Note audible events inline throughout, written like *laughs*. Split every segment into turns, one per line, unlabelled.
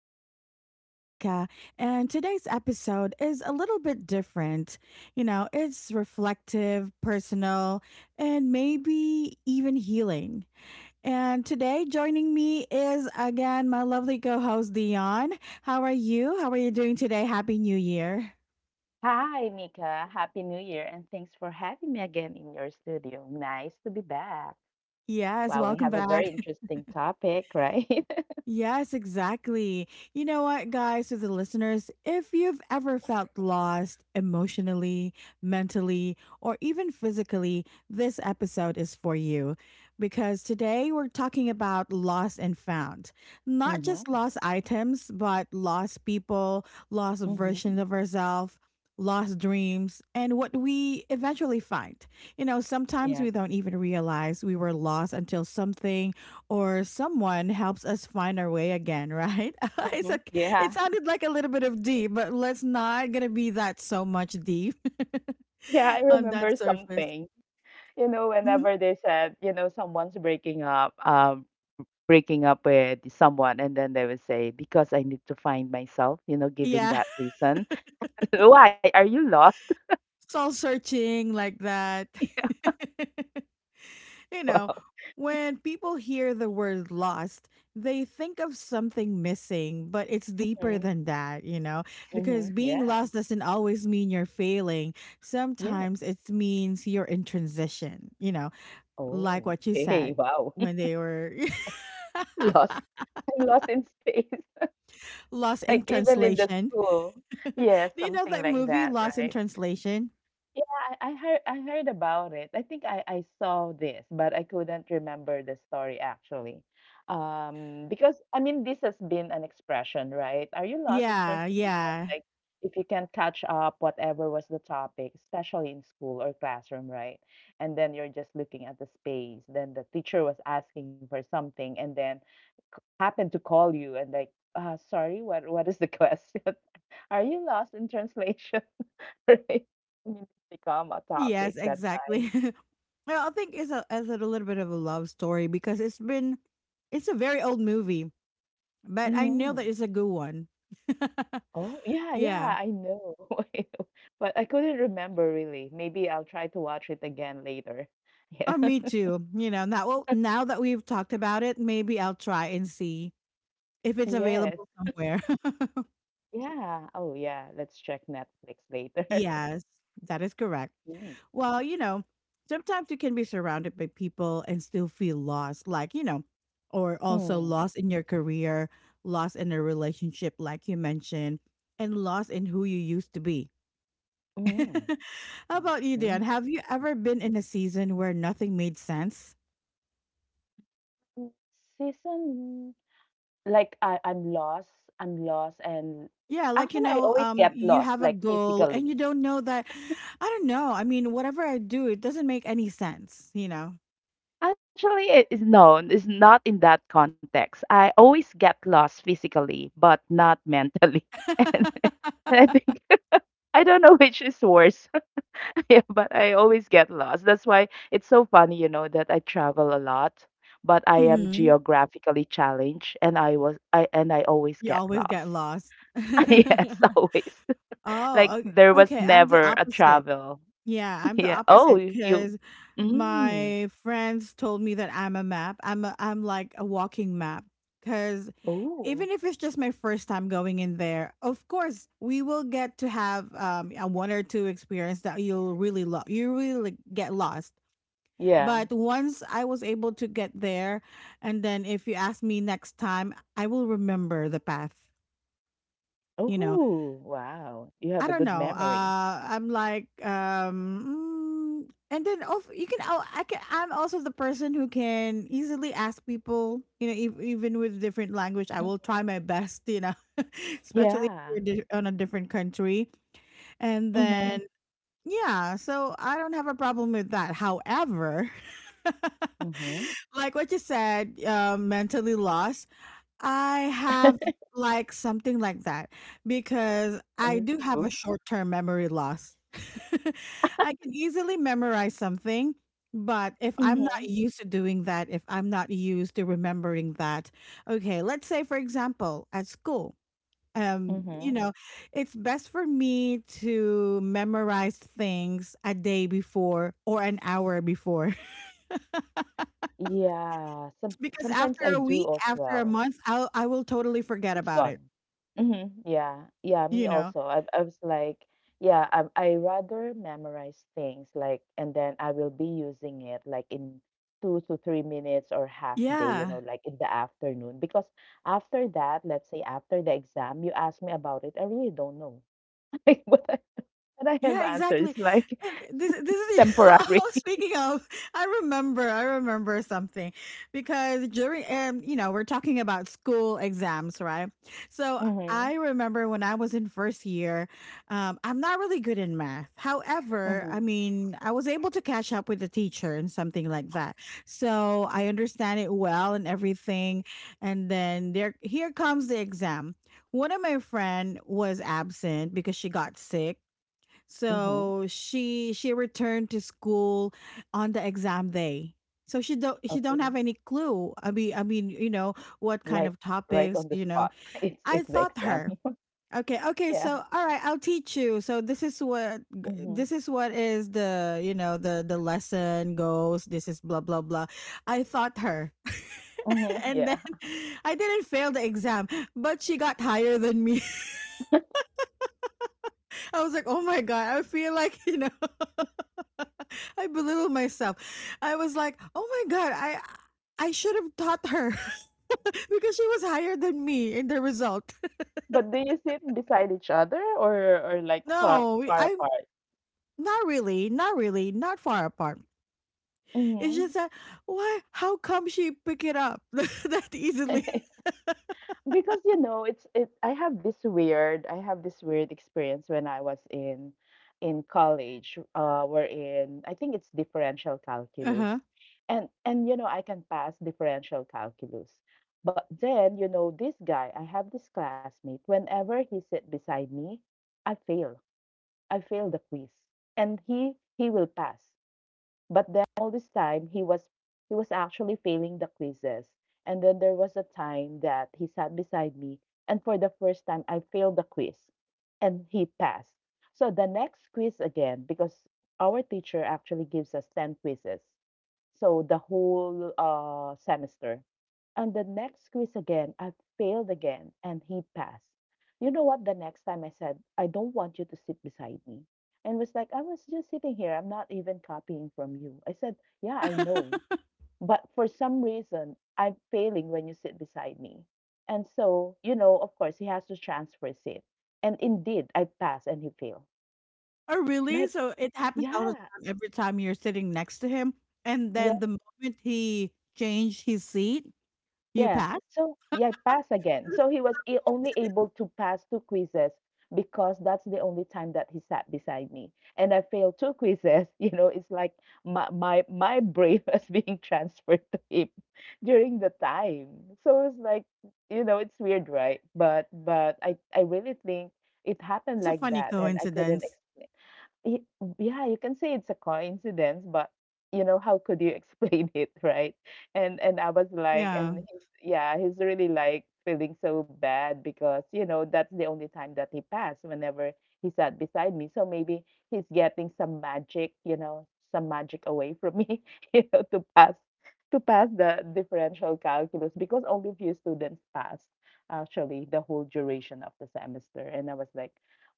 I'm your host, Nika, and today's episode is a little bit different. It's reflective, personal, and maybe even healing. And today, joining me is again my lovely co host, Dion. How are you? How are you doing today? Happy New Year.
Hi, Mika. Happy New Year, and thanks for having me again in your studio. Nice to be back.
Yes,
Wow, we
welcome
have a very
back.
interesting topic, right? *laughs*
Yes, exactly. You know what, guys, to the listeners, if you've ever felt lost emotionally, mentally, or even physically, this episode is for you. Because today we're talking about lost and found. Not just
Mm-hmm.
lost items, but lost people, lost
Mm-hmm.
versions of ourselves, lost dreams, and what we eventually find. You know, sometimes
Yes.
we don't even realize we were lost until something or someone helps us find our way again, right? *laughs* it's
Mm-hmm.
a,
Yeah.
it
*laughs*
sounded like a little bit of deep, but let's not gonna be that so much deep
Yeah, I
*laughs* on
remember
that surface.
something. You know,
Mhm.
whenever they said, you know, someone's breaking up with someone, and then they would say, because I need to find myself, you know, giving
Yeah,
that reason. *laughs* Why? Are you lost?
*laughs* soul searching like that.
*laughs*
*laughs* You know,
Wow.
when people hear the word lost, they think of something missing, but it's deeper
Mm-hmm.
than that, you know,
Mm-hmm.
because being
Yeah.
lost doesn't always mean you're failing.
Yes.
Sometimes it means you're in transition, you know, like
Oh,
what you
okay,
said
wow.
when
*laughs*
they were *laughs*
Lost. I'm lost in space. *laughs*
lost
Like
in
even in the
translation.
school.
*laughs*
Yeah,
Do you
something
know that
like that,
movie Lost
right?
in Translation?
Yeah, I heard about it. I think I saw this, but I couldn't remember the story actually. Because I mean this has been an expression, right? Are you lost in
Yeah,
translation?
yeah.
Like if you can catch up whatever was the topic, especially in school or classroom, right? And then you're just looking at the space, then the teacher was asking for something and then happen to call you and like, sorry, what is the question? *laughs* Are you lost in translation? *laughs* Right? I mean, it's become a
Yes,
topic that's
exactly. *laughs* Well, I think it's a little bit of a love story because it's a very old movie, but I know that
Mhm.
it's a good one. *laughs*
Oh, yeah,
Yeah.
yeah, I know. *laughs* I know. But I couldn't remember really. Maybe I'll try to watch it again later. *laughs*
Oh,
Yeah.
me too. You know, now well, now that we've talked about it, maybe I'll try and see if it's
Yes.
available somewhere.
Yeah. Oh, yeah. Let's check Netflix later. *laughs*
Yes, that is correct.
Mm.
Well, you know, sometimes you can be surrounded by people and still feel lost, like, you know, or also
Mm.
lost in your career, lost in a relationship, like you mentioned, and lost in who you used to be. *laughs*
Mm.
How about you,
Mm.
Dan? Have you ever been in a season where nothing made sense?
Mm. *laughs* Season. Like, I'm lost, I'm lost, and
Yeah, like
actually, I always get
you
lost,
have a
like,
goal and
physically.
you don't know that. I don't know. I mean, whatever I do, it doesn't make any sense. You know.
Actually, it is no, it's not in that context. I always get lost physically, but not mentally. *laughs*
*laughs*
And I think *laughs* I don't know which is worse, *laughs* yeah, but I always get lost. That's why it's so funny, you know, that I travel a lot, but I am
Mhm.
geographically challenged, and I always
You
get
always get
lost.
lost.
*laughs* Yes,
*laughs*
always. Like
Oh, ok
there was
okay, I'm the
never a
opposite.
travel.
Yeah, I'm the
Yeah. Oh,
opposite
you.
because
Mm.
my friends told me that I'm a map. I'm like a walking map. Because
Ooh,
even if it's just my first time going in there, of course, we will get to have, a 1 or 2 experience that you really get lost.
yeah.
But once I was able to get there, and then if you ask me next time, I will remember the path, you know?
Ooh, wow. You have a
I
good
don't know.
memory.
I'm like, and then of you can. Oh, I can. I'm also the person who can easily ask people. You know, even with different language,
Mm,
I will try my best. You know, *laughs* especially if
yeah.
you're on a different country, and
Mhm.
then yeah. So I don't have a problem with that. However, *laughs*
Mm-hmm.
like what you said, mentally lost. I have
*laughs*
like something like that because I do have a
Ooh.
short term memory loss. *laughs* I can easily memorize something, but if I'm
Mm-hmm.
not used to doing that, if I'm not used to remembering that, okay, let's say for example, at school, you
Mm-hmm.
know, it's best for me to memorize things a day before or an hour before
Yeah. Some
*laughs* because
sometimes I
after a
do
week,
as
after a
well.
month, I will totally forget
It's
about it,
gone. Mhm. Yeah. Yeah,
you
me
know.
also. I was like, yeah, I rather memorize things like and then I will be using it like in 2 to 3 minutes or half day, you
Yeah.
know, like in the afternoon. Because after that, let's say after the exam, you ask me about it, I really don't know. *laughs* Like what I have
Yeah,
answered
exactly.
is like
And this
*laughs*
this is *laughs*
temporary.
oh, speaking of, I remember something because during you know, we're talking about school exams, right? So
Mm-hmm.
I remember when I was in first year, I'm not really good in math. However, I
Mm-hmm.
mean, I was able to catch up with the teacher and something like that. So I understand it well and everything. And then there here comes the exam. One of my friend was absent because she got sick
Mm-hmm.
so she returned to school on the exam day. So she don't have
Okay.
any clue. I mean, you know, what kind
Like
of
right
topics,
on the
you know.
spot. *laughs* It's
I
it's the
taught
exam.
her.
*laughs*
Okay, okay,
Yeah.
so all right, I'll teach you. So this is what
Mm-hmm.
this is what is the, you know, the lesson goes. This is blah blah blah. I taught her. *laughs*
Mm-hmm.
And then
Yeah.
I didn't fail the exam, but she got higher than me. *laughs* I was like, "Oh my god, I feel like, you know, I belittle myself. I was like, oh my god, I should have taught her *laughs* because she was higher than me in the result. *laughs*
But do you sit beside each other or like far
No,
far
I'm
apart?
not really, not really, not far apart. It's just
Mhm.
that why? How come she pick it up *laughs* that easily?
*laughs* Because you know, it's it I have this weird experience when I was in college, we're in. I think it's differential
Uh
calculus.
huh. *laughs*
And you know, I can pass differential calculus. But then, you know, this guy, I have this classmate, whenever he sit beside me, I fail. I fail the quiz. And he will pass. But then all this time he was actually failing the quizzes. And then there was a time that he sat beside me and for the first time I failed the quiz and he passed. So the next quiz again because our teacher actually gives us 10 quizzes. So the whole semester. And the next quiz again, I failed again and he passed. You know what? The next time I said, I don't want you to sit beside me. And was like, I was just sitting here. I'm not even copying from you. I said, yeah, I know. But for some reason, I'm failing when you sit beside me. And so, you know, of course, he has to transfer seat. And indeed, I passed and he failed. *laughs*
Oh really?
Like,
So it happens all the
yeah,
time. Every time you're sitting next to him, and then the moment he changed his seat, you
yeah.
pass.
So, yeah, pass again. So he was only
*laughs*
able to pass two quizzes because that's the only time that he sat beside me. And I failed two quizzes. *laughs* You know, it's like my brain *laughs* was being transferred to him *laughs* during the time. So it's like, you know, it's weird, right? But I really think it happened
It's a
like
funny
that, and I couldn't
coincidence.
explain. Y yeah, you can say it's a coincidence, but you know, how could you explain *laughs* it, right? And I was like,
Yeah.
and he's, yeah, he's really like feeling so bad because you know that's the only time that he passed. Whenever he sat beside me, so maybe he's getting some magic, you know, some magic away from me, *laughs* you know, to pass the differential calculus because only few students passed actually the whole duration of the semester. And I was like,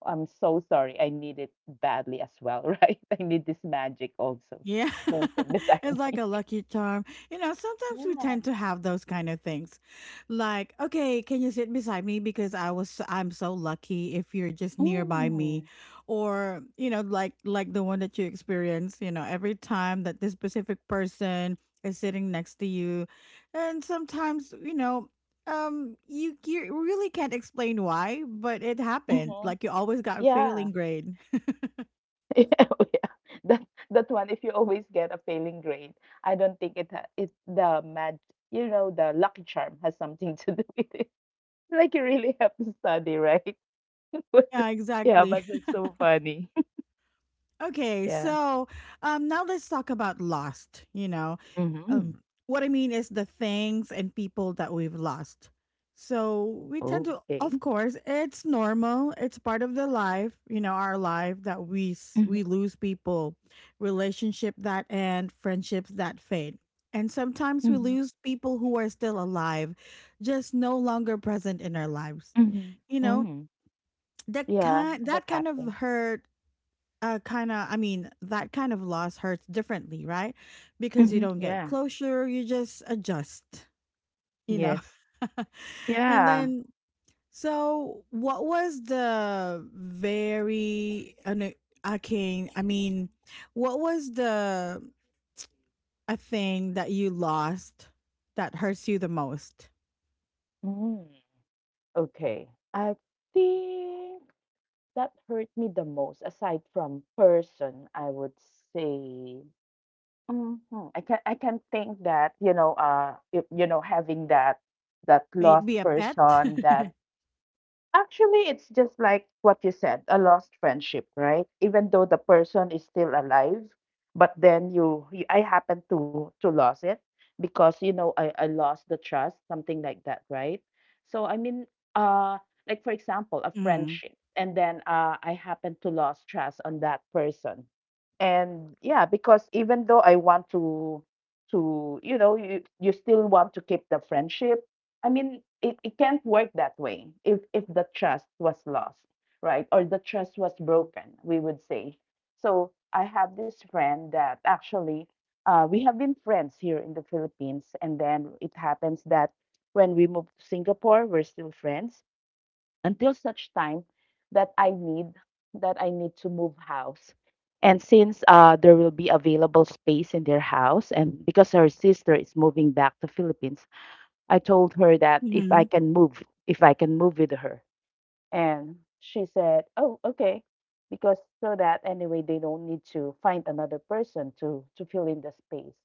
I'm so sorry. I need it badly as well, *laughs* right? I need this magic also.
Yeah,
Don't sit
*laughs*
beside
it's
*laughs*
like
me.
a lucky charm. You know, sometimes we tend
Yeah.
to have those kind of things. Like, okay, can you sit beside me because I was so, I'm so lucky if you're just nearby me
Mm.
or, you know, like the one that you experience, you know, every time that this specific person is sitting next to you. And sometimes, you know, you really can't explain why, but it happened.
Mm-hmm.
Like you always got
Yeah.
failing
*laughs*
grade.
Yeah. Oh, yeah. That that one. If you always get a failing grade, I don't think it the mag. You know, the lucky charm has something *laughs* to do with it. *laughs* Like you really have to study, right? *laughs*
Yeah,
Yeah,
exactly.
but that's so funny. *laughs*
Okay,
yeah.
so now let's talk about lost. You know,
Mm-hmm.
um, what I mean is the things and people that we've lost. So we tend to,
Okay.
of course, it's normal. It's part of the life, you know, our life that
Mm-hmm.
we lose people, relationship that end, friendships that fade, and sometimes we
Mm-hmm.
lose people who are still alive, just no longer present in our lives.
Mm-hmm.
You know,
Mm-hmm.
that
Yeah,
kind
that
that kind of
happens.
hurt I mean that kind of loss hurts differently, right? Because you
Mhm.
don't get
Yeah.
closure, you just adjust, you know.
Yes.
*laughs* And
Yeah.
then so what was the very un- arcane I can I mean what was the a thing that you lost that hurts you the most?
Mm. Okay. I think that hurt me the most, aside from person, I would say. hmm I can think that you know if, you know having that lost
Maybe a pet.
person that
*laughs*
Actually, it's just like what you said, a lost friendship, right? Even though the person is still alive, but then you I happen to lose it because you know I lost the trust, something like that, right? So I mean, uh, like for example, a
Mhm.
friendship, and then I happen to lose trust on that person, and yeah, because even though I want to you know you still want to keep the friendship I mean, it can't work that way if the trust was lost, right? Or the trust was broken, we would say. So I have this friend that actually we have been friends here in the Philippines, and then it happens that when we moved to Singapore, we're still friends until such time that I need that I need to move house. And since there will be available space in their house, and because her sister is moving back to Philippines, I told her that if I
Mhm.
can move, if I can move with her. And she said, "Oh, okay." Because so that anyway they don't need to find another person to fill in the space.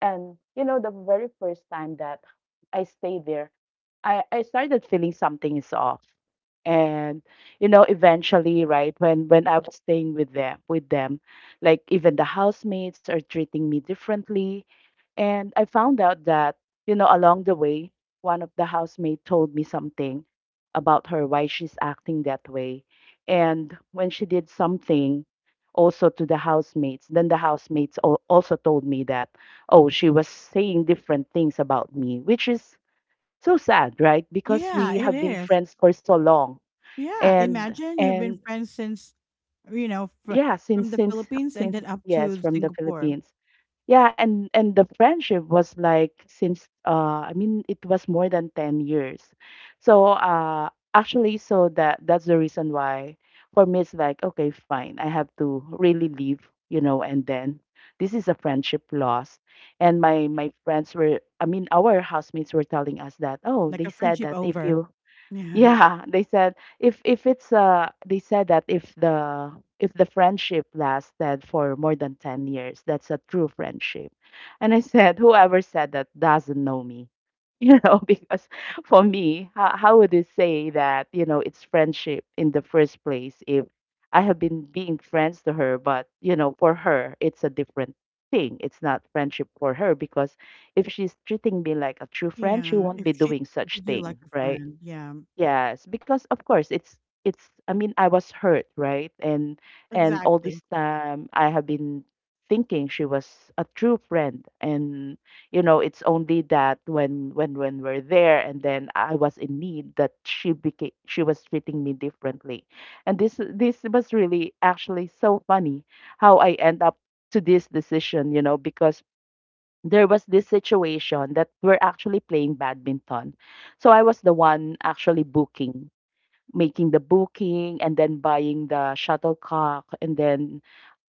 And you know, the very first time that I stayed there, I started feeling something is off. And you know, eventually, right, when I was staying with them, like even the housemates are treating me differently and I found out that, you know, along the way, one of the housemates told me something about her, why she's acting that way. And when she did something also to the housemates, then the housemates also told me that, oh, she was saying different things about me, which is so sad, right? Because
Yeah,
we
it
have been
is.
friends for so long.
Yeah,
And,
imagine you've been
and,
friends since, you know,
yeah,
from
since,
the
since,
Philippines and
since,
then up
yes,
to
from the
Singapore,
Philippines. Yeah, and the friendship was like since I mean it was more than 10 years. So actually so that's the reason why for me it's like okay fine I have to really leave, you know, and then this is a friendship loss. And my friends were I mean our housemates were telling us that oh
like
they
a
said
friendship
that if
over.
you
Yeah.
yeah, they said if it's they said that if the friendship lasted for more than 10 years, that's a true friendship. And I said, whoever said that doesn't know me. *laughs* You know, because for me, how would it say that, you know, it's friendship in the first place if I have been being friends to her, but, you know, for her, it's a different thing. It's not friendship for her because if she's treating me like a true friend, she
Yeah.
won't
If
be
she
doing such
treated you
thing,
like a
right?
friend. Yeah.
Yes, because of course it's I mean I was hurt, right? And all
Exactly.
this time I have been thinking she was a true friend and you know it's only that when we're there and then I was in need that she was treating me differently. And this was really actually so funny how I end up to this decision, you know, because there was this situation that we're actually playing badminton. So I was the one actually booking, making the booking, and then buying the shuttlecock, and then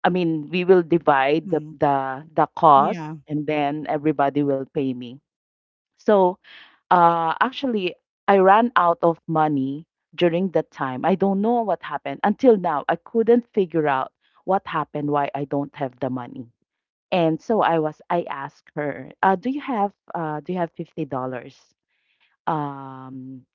I mean we will divide the
Mm.
the, the cost
Yeah.
and then everybody will pay me. So actually I ran out of money during that time. I don't know what happened. Until now I couldn't figure out what happened, why I don't have the money. And so I asked her, do you have $50? Um,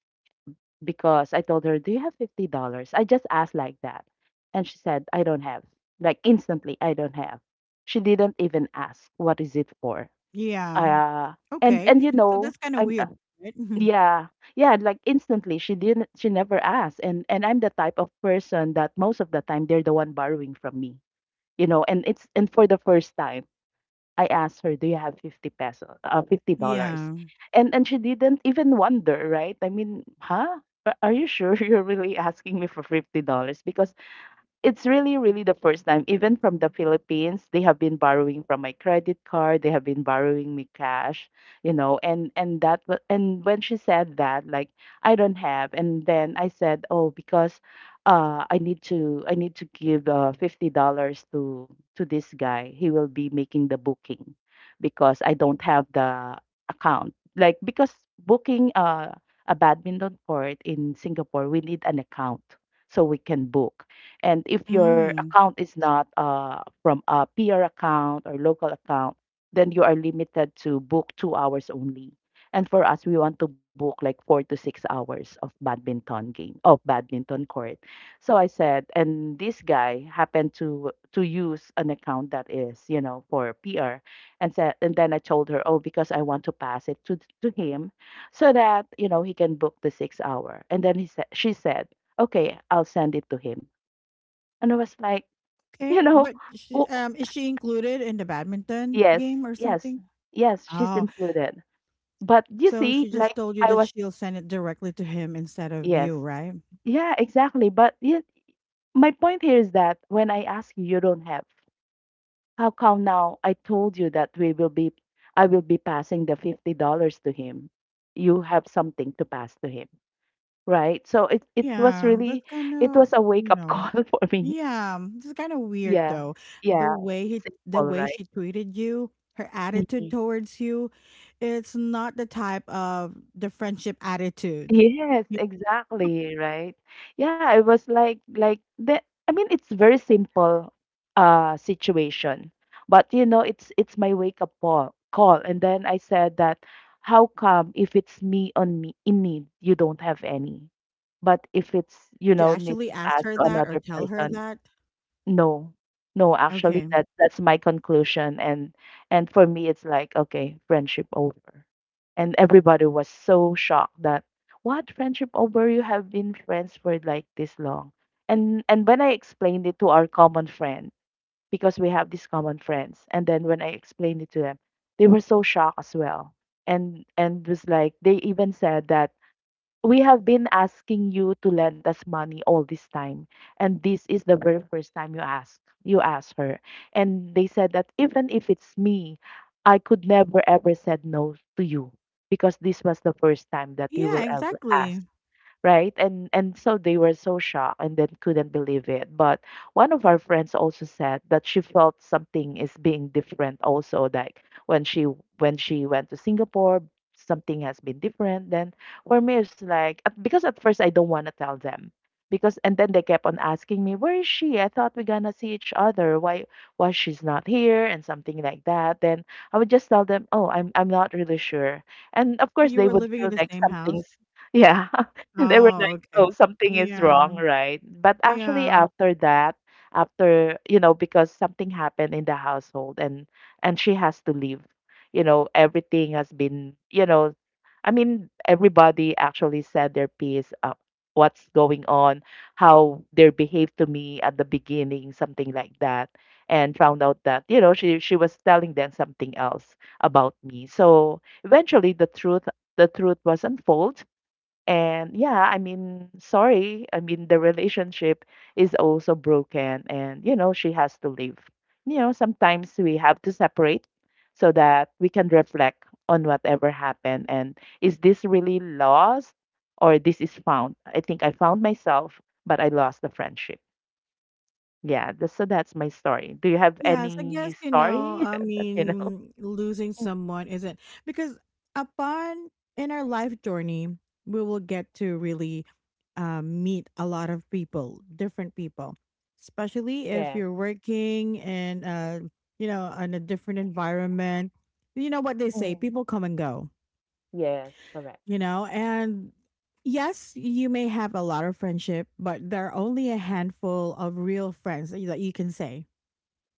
because I told her, do you have $50? I just asked like that, and she said, I don't have. Like instantly, I don't have. She didn't even ask, what is it for?
Yeah.
Uh, and
Okay.
and you
So
know,
that's kind of
I'm
weird, right? *laughs*
yeah, yeah, like instantly she never asked, and I'm the type of person that most of the time they're the one borrowing from me, you know, and it's and for the first time I asked her, "Do you have 50 pesos, $50?"
Yeah.
And she didn't even wonder, right? I mean, huh? Are you sure *laughs* you're really asking me for $50? Because it's really, really the first time, even from the Philippines, they have been borrowing from my credit card, they have been borrowing me cash, you know, and when she said that, like I don't have, and then I said, oh, because I need to give $50 to this guy. He will be making the booking because I don't have the account. Like because booking a badminton court in Singapore, we need an account so we can book, and if your
Mm.
account is not from a peer account or local account, then you are limited to book 2 hours only. And for us, we want to book like 4 to 6 hours of badminton game, of badminton court. So I said, and this guy happened to use an account that is, you know, for PR, and said, and then I told her, oh, because I want to pass it to him, so that you know he can book the 6 hour. And then she said, okay, I'll send it to him. And I was like, *laughs*
Okay.
you know,
But
oh,
is she included in the badminton
yes,
game or
yes,
something?
yes, she's
Oh.
included. But you
So
see,
she just
like
told you
I
that
was,
she'll send it directly to him instead of
yes,
you, right?
yeah, exactly. But yeah, my point here is that when I ask you, you don't have. How come now I told you that I will be passing the $50 to him. You have something to pass to him, right? So it was
Yeah, that's
really,
kind
it
of,
was a wake
you
up *laughs*
know,
call for me.
yeah, it's kind of weird
Yeah,
though.
yeah, it's
The
simple,
way
right?
she treated you, her attitude
Mm-hmm.
towards you, it's not the type of the friendship attitude.
Yes,
Yeah.
exactly, right? Yeah, it was like the I mean it's very simple situation. But you know, it's my wake up call. And then I said that, how come if it's me in need, you don't have any? But if it's, you
Did you
know, need
actually
to
ask
pass
her
to
that or
another
tell her
person,
that?
no. No, actually
Okay.
that that's my conclusion, and for me it's like okay, friendship over. And everybody was so shocked that, what, friendship over? You have been friends for like this long. And when I explained it to our common friend because we have these common friends and then when I explained it to them, they were so shocked as well. And was like they even said that we have been asking you to lend us money all this time and this is the very first time you ask, you ask her, and they said that even if it's me, I could never ever said no to you because this was the first time that you
Yeah,
will ever
exactly.
ask, right? And so they were so shocked and then couldn't believe it, but one of our friends also said that she felt something is being different also, like when she went to singapore, something has been different. Then for me it's like because at first I don't want to tell them because, and then they kept on asking me, where is she, I thought we're gonna see each other, why she's not here and something like that, then I would just tell them, oh, i'm not really sure, and of course
You
they
were
would
living
feel
in the
like
same house.
something's *laughs* yeah. *laughs* They were
Oh,
like,
okay.
"Oh, something is
Yeah.
wrong, right?" But actually
Yeah.
after that, after, you know, because something happened in the household, and she has to leave. You know, everything has been, you know, I mean, everybody actually said their piece what's going on, how they behaved to me at the beginning, something like that, and found out that, you know, she was telling them something else about me. So eventually the truth was unfold, and yeah, I mean, sorry. I mean, the relationship is also broken and, you know, she has to leave. You know, sometimes we have to separate so that we can reflect on whatever happened, and is this really lost or this is found? I think I found myself, but I lost the friendship. Yeah, so that's my story. Do you have
Yes, I
any
guess, you know,
story
I
*laughs* that you know?
mean, losing someone isn't because upon in our life journey, we will get to really meet a lot of people, different people, especially if
Yes.
you're working in, you know, in a different environment. You know what they say,
Hmm.
people come and go,
Yes, correct.
you know, and yes, you may have a lot of friendship, but there are only a handful of real friends that you can say,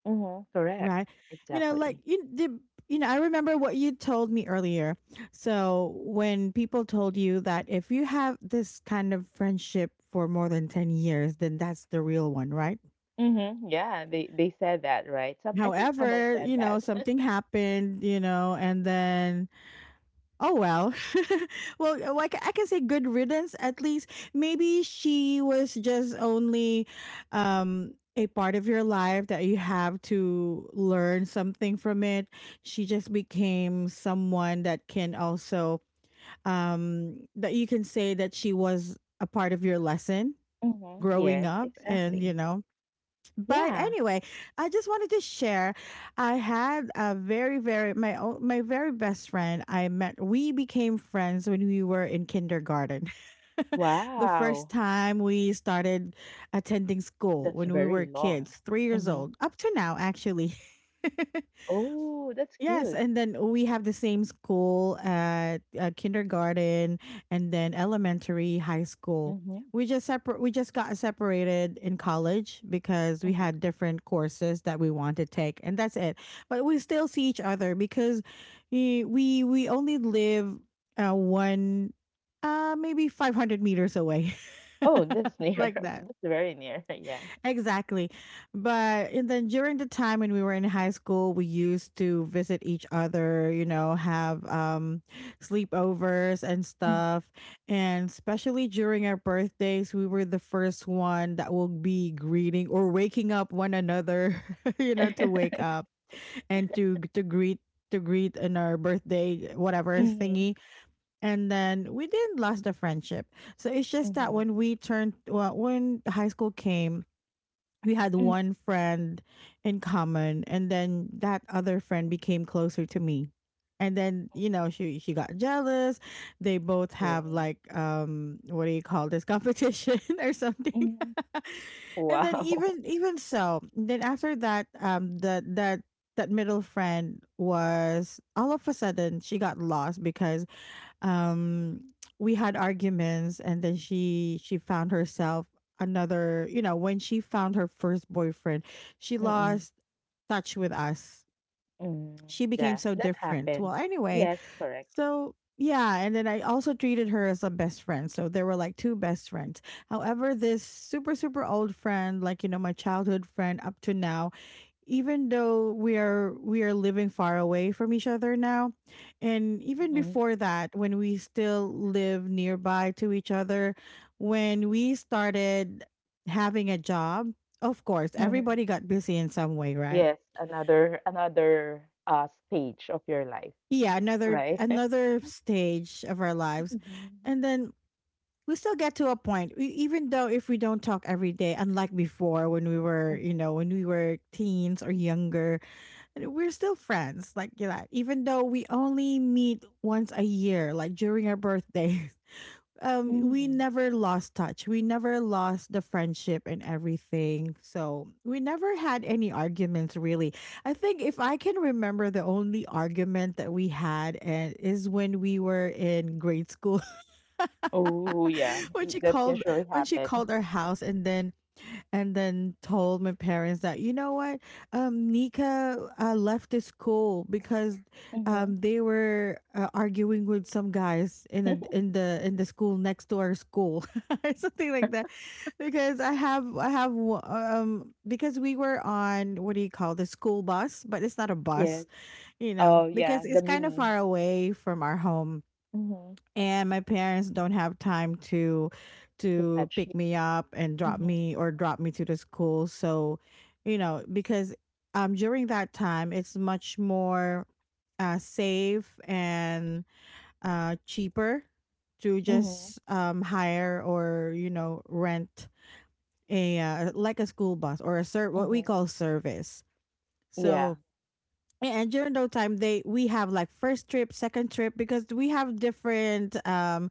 Hmm. Correct.
right? You know,
Exactly.
like you did. You know, I remember what you told me earlier, so when people told you that if you have this kind of friendship for more than 10 years, then that's the real one, right?
Mhm, yeah, they said that, right? Some I think someone
However,
said
you
that.
know,
*laughs*
something happened, you know, and then oh well. *laughs* Well, like I can say good riddance at least. Maybe she was just only a part of your life that you have to learn something from it. She just became someone that can also that you can say that she was a part of your lesson
Mhm,
growing
yes,
up, and you
exactly.
know, but
Yeah.
anyway, I just wanted to share. I had a very, very my own, my very best friend. I met. We became friends when we were in kindergarten. *laughs* The first
Wow,
time we started attending school
that's
when we
very
were
long.
kids, 3 years
Mhm.
old, up to now actually. *laughs*
Oh, that's
Yes,
good.
and then we have the same school at kindergarten and then elementary, high school.
Mhm,
We just separate. We just got separated in college because we
mhm.
had different courses that we want to take, and that's it. But we still see each other because we only live uh, one, maybe 500 meters away,
Oh, that's
*laughs*
near.
like
*laughs*
that.
That's very near, *laughs* yeah.
Exactly. But and then during the time when we were in high school, we used to visit each other, have sleepovers and
Mhm.
stuff. And especially during our birthdays, we were the first one that will be greeting or waking up one another, *laughs* you know, to wake up and to greet in our birthday whatever
Mhm,
thingy. And then we didn't lost the friendship. So it's just that
mhm,
when we turned, well, when high school came, we had
mhm. *laughs*
one friend in common, and then that other friend became closer to me, and then she got jealous. They both have
Oh,
like, what do you call this, competition *laughs* or something.
mhm.
*laughs* And then
Wow. *laughs*
even so, then after that, that middle friend was all of a sudden, she got lost because, um we had arguments, and then she found herself another, when she found her first boyfriend, she
Mm,
lost touch with us.
mm.
She became
Yeah,
so
that
different,
happens.
well, anyway.
Yes, correct.
So yeah, and then I also treated her as a best friend, so there were like two best friends. However, this super, super old friend, like, you know, my childhood friend up to now, even though we are living far away from each other now, and even
Mhm,
before that, when we still live nearby to each other, when we started having a job, of course
mhm.
everybody got busy in some way, right?
Yes, another, stage of your life,
Yeah, another
right? *laughs*
another stage of our lives.
Mhm.
And then we still get to a point, even though if we don't talk every day, unlike before, when we were,
Mhm.
when we were teens or younger. And we're still friends like that, even though we only meet once a year, like during our birthdays. *laughs* We
Mm.
never lost touch, we never lost the friendship and everything, so we never had any arguments, really. I think, if I can remember, the only argument that we had and is when we were in grade school.
Oh, yeah,
*laughs* when
y
she
that
called
usually
when she
happen.
called our house and then, told my parents that, you know what, Nika, left the school because,
Mhm.
they were, arguing with some guys in a,
*laughs*
in the school next to our school, *laughs* or something like that. Because because we were on, what do you call, the school bus, but it's not a
Yes.
bus, you know,
Oh, yeah,
because
the
it's kind of
mini.
far away from our home,
Mhm.
and my parents don't have time to,
To fetch you.
pick me up and drop
Mhm.
me, or drop me to the school. So, you know, because, during that time, it's much more, safe and, cheaper to
Mhm.
just, hire, or, you know, rent a, like a school bus, or a what we
Mhm.
call service.
Yeah.
So yeah, and during those time, they, we have like first trip, second trip, because we have different,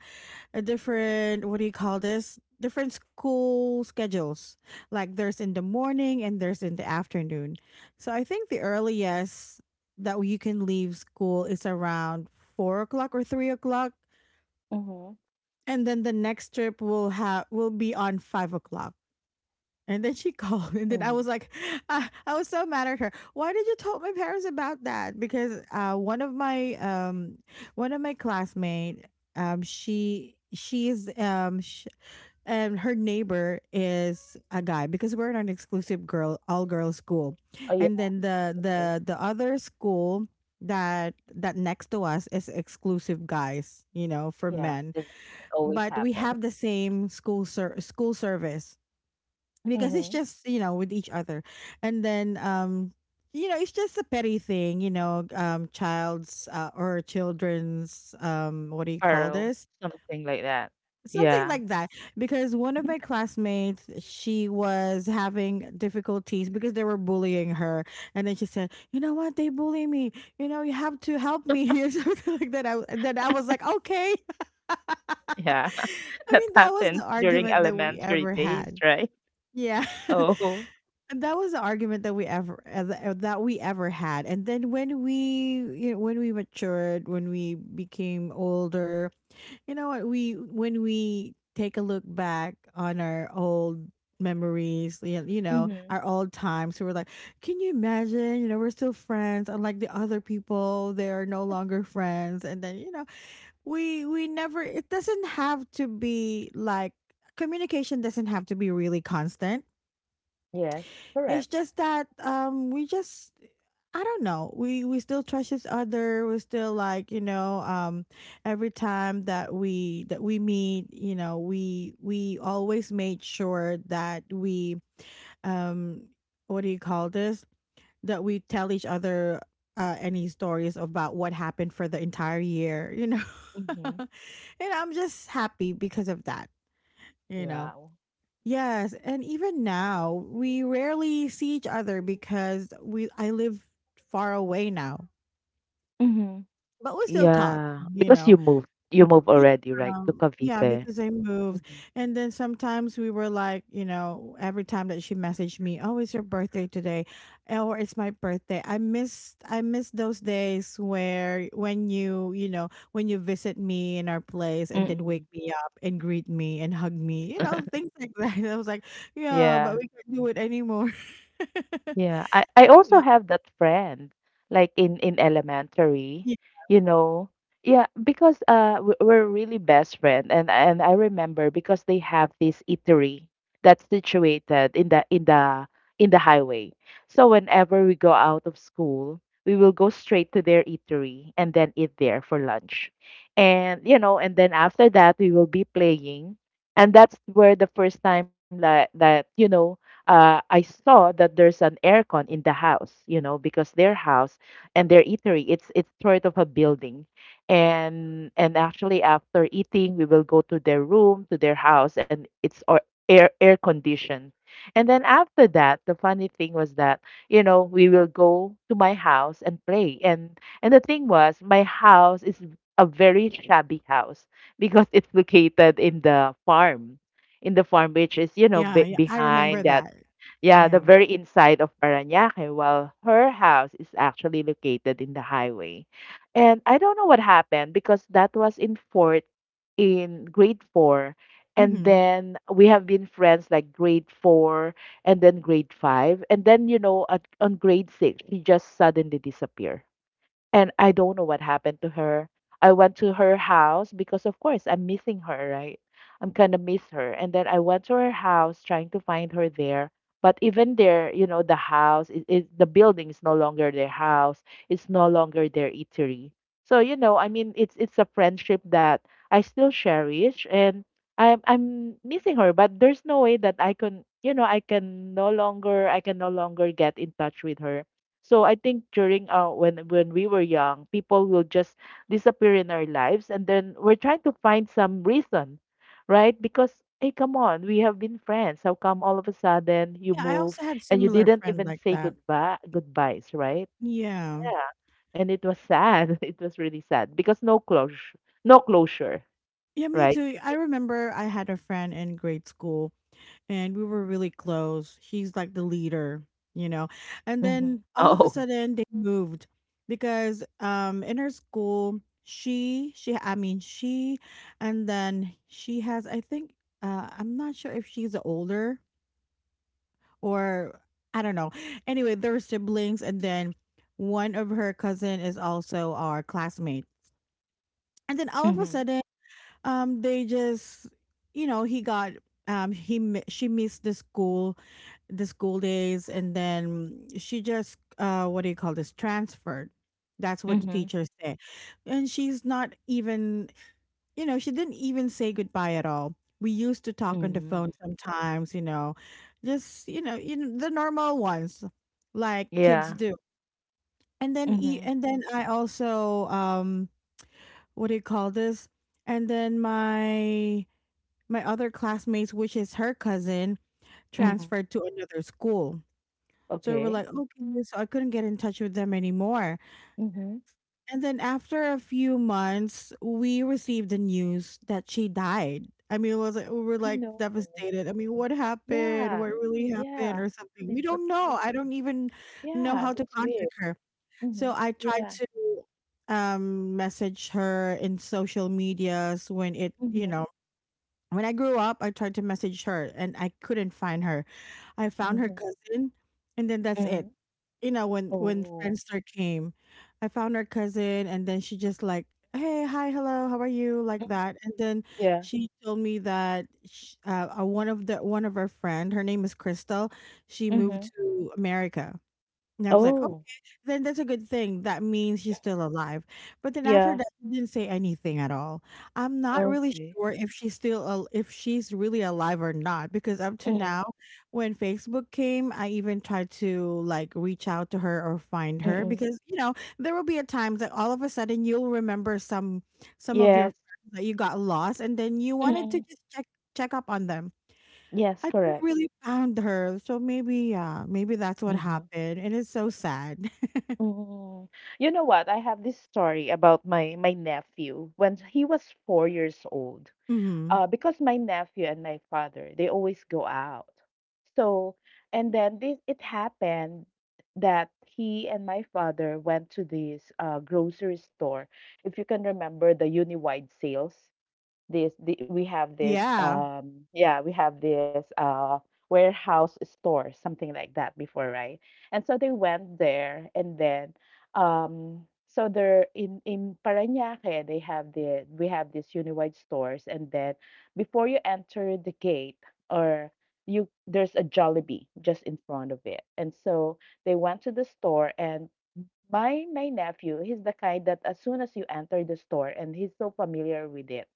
a different, what do you call this? Different school schedules. Like, there's in the morning, and there's in the afternoon. So I think the earliest that you can leave school is around 4 o'clock or 3 o'clock.
Mhm.
And then the next trip will have will be on 5 o'clock. And then she *laughs* called, and then
Mhm.
I was like, *laughs* I was so mad at her. Why did you tell my parents about that? Because, one of my, classmate, she she's sh and her neighbor is a guy, because we're in an exclusive girl all girls school,
Oh, yeah,
and then the
okay.
the the other school that next to us is exclusive guys, you know, for
Yeah,
men.
that that always
But we
happen.
have the same school service, because it's
Mhm.
just, you know, with each other. And then, you know, it's just a petty thing, you know, child's, or children's, what do you call
Quarrel,
this,
something like that.
something
Yeah,
like that. Because one of my classmates, she was having difficulties because they were bullying her, and then she said, you know what, they bully me, you know, you have to help me, *laughs* or something like that. And then I was like, okay. *laughs* I
yeah, *laughs* that
mean, that was the
happens during
argument that we
elementary
ever
days,
had.
right?
Yeah. *laughs*
Oh.
And that was the argument that we ever th- that we ever had and then when we, you know, when we matured, when we became older, you know, what we when we take a look back on our old memories, you know,
Mhm.
our old times, we were like, can you imagine, you know, we're still friends, unlike the other people, they are no longer friends. And then, you know, we never it doesn't have to be like communication doesn't have to be really constant.
Yes,
It's
correct.
just that, we just, I don't know. We still trust each other. We're still like, you know, every time that we meet, you know, we always made sure that we, um what do you call this? That we tell each other, any stories about what happened for the entire year, you know. *laughs*
Mhm.
And I'm just happy because of that, you know.
Wow.
Yes, and even now we rarely see each other because we I live far away now,
Mhm.
but we still talk,
Yeah,
you
because
know.
you moved
Yeah,
already, right, to
yeah,
Cavite.
because I moved.
Mhm.
And then sometimes we were like, you know, every time that she messaged me, "Oh, it's your birthday today," or "It's my birthday." I miss those days where, when you know, when you visit me in our place and then wake
Mm-mm.
me up and greet me and hug me, you know, things
*laughs*
like that. *laughs* I was like, "Yeah, but
Yeah.
we can't do it anymore." *laughs*
Yeah, I
You
also
know?
have that friend, like in elementary,
Yeah,
you know. Yeah, because we're really best friend, and I remember because they have this eatery that's situated in the in the in the highway. So whenever we go out of school, we will go straight to their eatery and then eat there for lunch. And you know, and then after that we will be playing. And that's where the first time that that you know I saw that there's an aircon in the house, you know, because their house and their eatery, it's sort of a building, and actually after eating, we will go to their room, to their house, and it's or air conditioned. And then after that, the funny thing was that you know we will go to my house and play, and the thing was my house is a very shabby house because it's located in the farm, which is you know
yeah,
be
yeah, I remember
behind that,
that.
yeah, the
Yeah.
very inside of Parañaque, while her house is actually located in the highway. And I don't know what happened because that was in fourth in grade four. And
Mhm.
then we have been friends like grade four and then grade five. And then, you know, on grade six, she just suddenly disappeared. And I don't know what happened to her. I went to her house because, of course, I'm missing her, right? I'm kind of miss her. And then I went to her house trying to find her there. But even there, you know, the building is no longer their house. It's no longer their eatery. So, you know, I mean, it's a friendship that I still cherish, and I'm missing her. But there's no way that I can, you know, I can no longer get in touch with her. So I think during when we were young, people will just disappear in our lives, and then we're trying to find some reason, right? Because hey, come on, we have been friends. How come all of a sudden you
Yeah, I
move
also had
and you
similar
didn't
friend
even
like
say
that.
goodbyes, right?
Yeah.
Yeah. And it was sad. *laughs* It was really sad because no closure, no closure,
Yeah, me
right?
too. I remember I had a friend in grade school, and we were really close. She's like the leader, you know. And
Mm-hmm.
then all of a
Oh,
sudden they moved, because in her school she I mean she and then she has, I think, I'm not sure if she's older, or, I don't know. Anyway, they're siblings, and then one of her cousin is also our classmate. And then all of a
mm-hmm.
sudden, they just, you know, he got he mi- she missed the school, days, and then she just, what do you call this, transferred. That's what the
Mm-hmm.
teachers say, and she's not even, you know, she didn't even say goodbye at all. We used to talk on the
Mm-hmm.
phone sometimes, you know, just, you know, the normal ones, like kids
Yeah.
do. And then,
Mm-hmm.
I also, what do you call this? And then my, other classmates, which is her cousin,
Mm-hmm.
transferred to another school. So we were
Okay.
like, okay, so I couldn't get in touch with them anymore.
Mm-hmm.
And then after a few months, we received the news that she died. I mean, it was like, we were like,
No.
devastated. I mean, what happened?
Yeah,
What really happened,
yeah.
or
I
something? We
mean, what,
don't know. I don't even know
yeah,
how to
that's weird.
contact her. So
Mhm.
I tried
Yeah.
to, message her in social medias when it, you
Mhm.
know, when I grew up, I tried to message her and I couldn't find her. I found her
Mhm.
cousin, and then that's it.
Mhm.
You know, when
Oh.
Friendster came, I found her cousin, and then she just like, "Hey, hi, hello. How are you?" like
Mhm.
that. And then
Yeah.
she told me that sh one of the one of her friend, her name is Crystal, she moved
Mhm.
to America. And I was like, okay,
Oh.
then that's a good thing. That means she's
Mhm.
still alive. But then after
Yeah.
that, she didn't say anything at all. I'm not really
Okay.
sure if she's still if she's really alive or not, because up to now,
Mm.
when Facebook came, I even tried to like reach out to her or find her,
Mm.
because you know, there will be a time that all of a sudden you'll remember some, of your
Yes.
friends that you got lost, and then you wanted to
Mm.
just check up on them.
Yes,
I couldn't
correct.
really found her, so maybe, yeah, maybe that's what
Mhm.
happened, and it's so sad. *laughs*
Mm. You know what? I have this story about my my nephew when he was 4 years old.
Mhm.
Because my nephew and my father, they always go out. So, and then this it happened that he and my father went to this grocery store. If you can remember the Uniwide sales, we have this
Yeah.
yeah, we have this warehouse store, something like that before, right? And so they went there, and then um so they're in Parañaque. They have the, we have these Uniwide stores. And then before you enter the gate, or you, there's a Jollibee just in front of it. And so they went to the store. And my nephew, he's the kind that as soon as you enter the store and he's so familiar with it,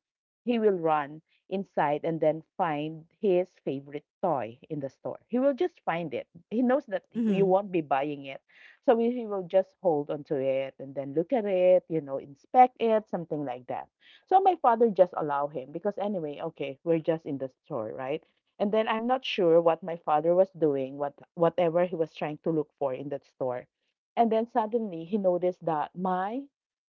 he will run inside and then find his favorite toy in the store. He will just find it. He knows that he- you
Mhm.
won't be buying it. So he will just hold onto it and then look at it, you know, inspect it, something like that. So my father just allow him because anyway, okay, we're just in the store, right? And then I'm not sure what my father was doing, whatever he was trying to look for in that store. And then suddenly he noticed that my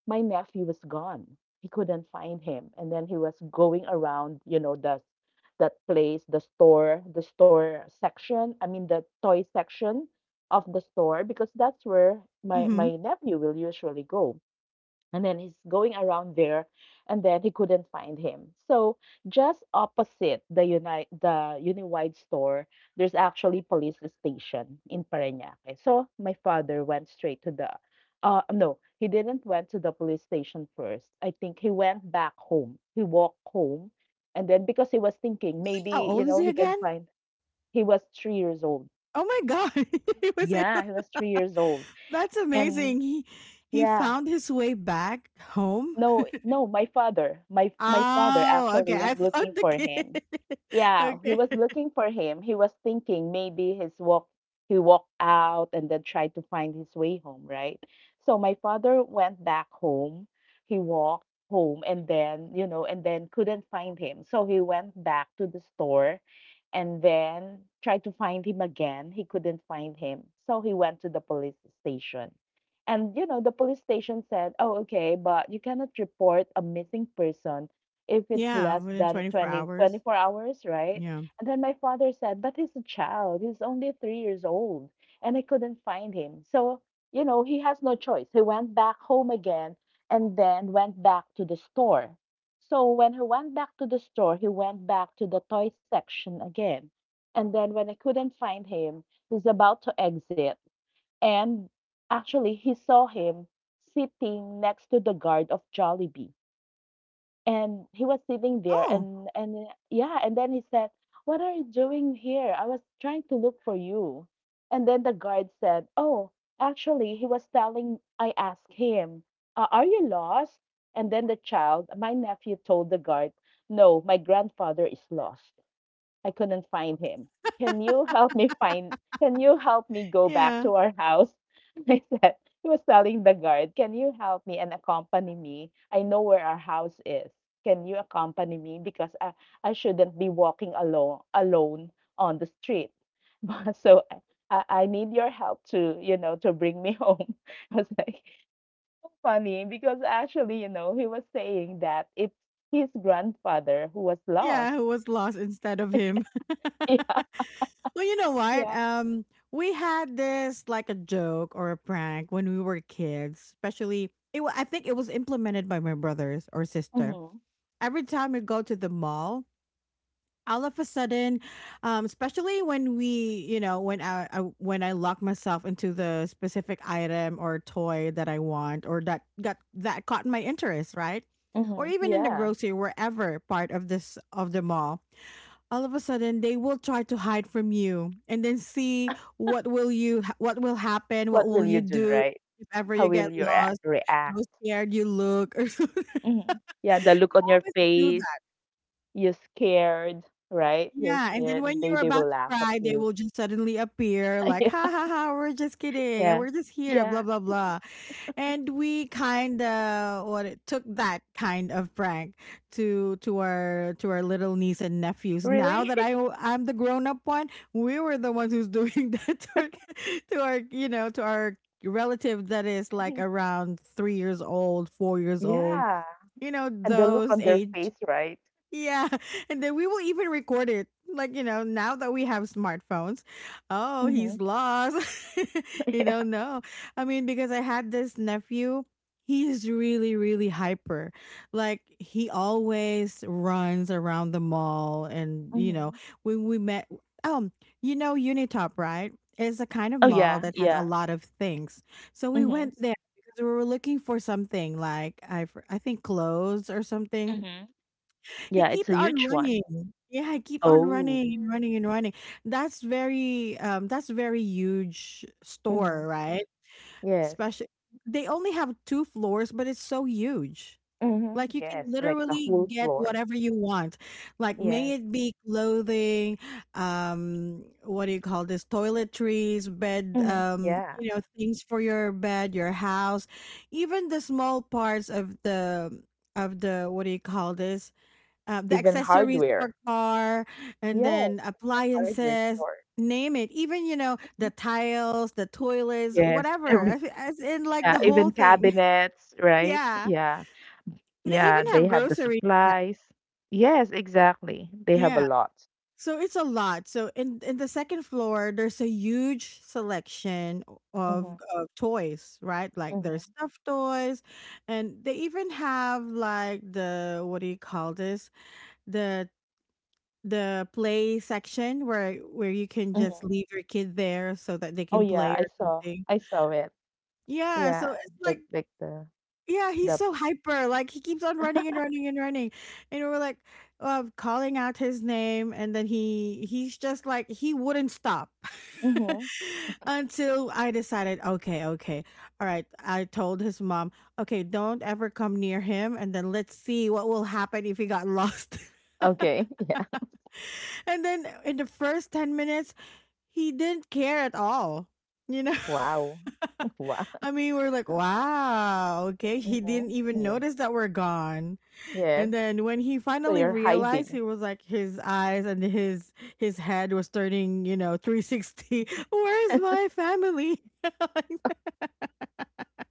my nephew was gone. He couldn't find him. And then he was going around, you know, the that place, the store section, I mean the toy section of the store, because that's where my
Mhm.
my nephew will usually go. And then he's going around there, and then he couldn't find him. So just opposite the Unite the Uniwide store, there's actually police station in Parañaque. So my father went straight to the no, he didn't went to the police station first. I think he went back home. He walked home, and then because he was thinking
How
maybe, you
old is
know,
he
he can
again?
find he was 3 years old.
Oh my god. *laughs* He was
Yeah,
able.
he was 3 years old.
*laughs* That's
And
amazing. He
yeah,
found his way back home.
No, no, my father. My father
Oh, okay.
actually was
I *laughs*
looking
found the
for
kid. *laughs*
him. Yeah, he
Okay.
was looking for him. He was thinking maybe his walk he walked out and then tried to find his way home, right? So my father went back home. He walked home and then, you know, and then couldn't find him. So he went back to the store and then tried to find him again. He couldn't find him. So he went to the police station. And you know, the police station said, "Oh, okay, but you cannot report a missing person if it's
Yeah,
less
within
than
24
twenty
hours.
four hours, right?"
Yeah.
And then my father said, "But he's a child. He's only 3 years old, and I couldn't find him." So you know, he has no choice. He went back home again, and then went back to the store. So when he went back to the store, he went back to the toy section again. And then when I couldn't find him, he's about to exit. And actually, he saw him sitting next to the guard of Jollibee. And he was sitting there,
Oh,
and yeah, and then he said, "What are you doing here? I was trying to look for you." And then the guard said, "Oh, actually, he was telling I asked him, are you lost?" And then the child, my nephew told the guard, "No, my grandfather is lost. I couldn't find him. Can you help me find? Can you help me go back
yeah.
to our house?" *laughs* I said, he was telling the guard, can you help me and accompany me? I know where our house is. Can you accompany me? Because I shouldn't be walking alone on the street. *laughs* But so I need your help to, you know, to bring me home. *laughs* I was like, funny because actually, you know, he was saying that it's his grandfather who was
Yeah,
lost.
who was lost instead of him. *laughs*
*laughs* Yeah.
Well, you know what?
Yeah.
We had this like a joke or a prank when we were kids, especially I think it was implemented by my brothers or sister.
Hmm.
Every time we go to the mall, all of a sudden, especially when we, you know, when I when I lock myself into the specific item or toy that I want or that caught my interest, right? Or
Mhm,
even in the
yeah.
grocery, wherever part of this of the mall, all of a sudden they will try to hide from you and then see what will happen, what
What
will
will you
you
do,
do
right?
if ever
How
you get
will you
lost, how
react?
scared you look or *laughs* something.
Mhm. Yeah, the look on your
Always do.
face, you're scared, right? You're
Yeah, and then
scared, and
when
they
you're
they
about
will
to
laugh at
cry, they
you.
will just suddenly appear
*laughs*
like, ha
Yeah.
ha ha, we're just kidding. And
Yeah.
We're just here, blah,
Yeah.
blah, blah. And we kind of what it took that kind of prank to our little niece and nephews. Now
Really?
that I'm the grown up one, we were the ones who's doing *laughs* that to our, to our, you know to our relative that is like
*laughs*
around 3 years old, 4 years old,
Yeah,
you know
and the look
those
on their
age.
face, right?
Yeah, *laughs* and then we will even record it. Like, you know, now that we have smartphones, oh,
Mhm.
he's lost.
*laughs*
*laughs* You
Yeah.
don't know. I mean, because I had this nephew, he's really, really hyper. Like, he always runs around the mall. And, you know,
Mhm.
when we met, um, you know, Unitop, right? It's a kind of
Oh,
mall
yeah,
that has a
yeah.
lot of things. So we
Mhm,
went there because we were looking for something like, I think clothes or something.
mhm.
He
Yeah, it's
kept
a
on
huge one.
running. Yeah, he kept on
Oh.
running and running and running. That's very huge store,
Mhm.
right?
Yes.
Especially they only have two floors, but it's so huge.
Mhm,
Like you can
yes, like the
literally
whole
get
floor.
whatever you want. Like may
Yes.
it be clothing, what do you call this? Toiletries, bed,
Mhm. Yeah.
you know, things for your bed, your house, even the small parts of the what do you call this? The
Even
accessories for
hardware.
car, and
Yeah,
then
hardware
appliances,
store.
name it, even you know, the tiles, the toilets,
Yes,
whatever,
everything.
as in like
Yeah,
the whole
even
thing.
cabinets,
*laughs*
right?
Yeah,
Yeah.
they
Yeah,
even
they
have
have the
groceries now.
supplies. Yes, exactly. They have a
Yeah,
lot.
so it's a lot. So in the second floor, there's a huge selection of,
Mm-hmm.
of toys, right? Like
Mm-hmm.
there's stuffed toys, and they even have like the what do you call this, the the play section where you can just
Mm-hmm.
leave your kid there so that they
Oh
can
yeah,
play
I
or
saw.
something.
I saw it.
Yeah, so
Yeah,
it's like,
like the
yeah, he's
the.
so hyper. Like he keeps on running and running and running, and we're like, calling out his name, and then he's just like he wouldn't stop. *laughs*
Mm-hmm.
Until I decided, okay, okay, all right. I told his mom, okay, don't ever come near him, and then let's see what will happen if he got lost. *laughs*
Okay. *laughs* Yeah.
And then in the first 10 minutes he didn't care at all. You know,
Wow.
*laughs*
*laughs* Wow.
I mean, we're like, wow, okay. He
Mm-hmm.
didn't even
Yeah.
notice that we're gone.
Yes.
And then when he
So
finally
you're
realized,
hiding.
he was like, his eyes and his head was turning, you know, 360. *laughs* Where's
*laughs*
my family?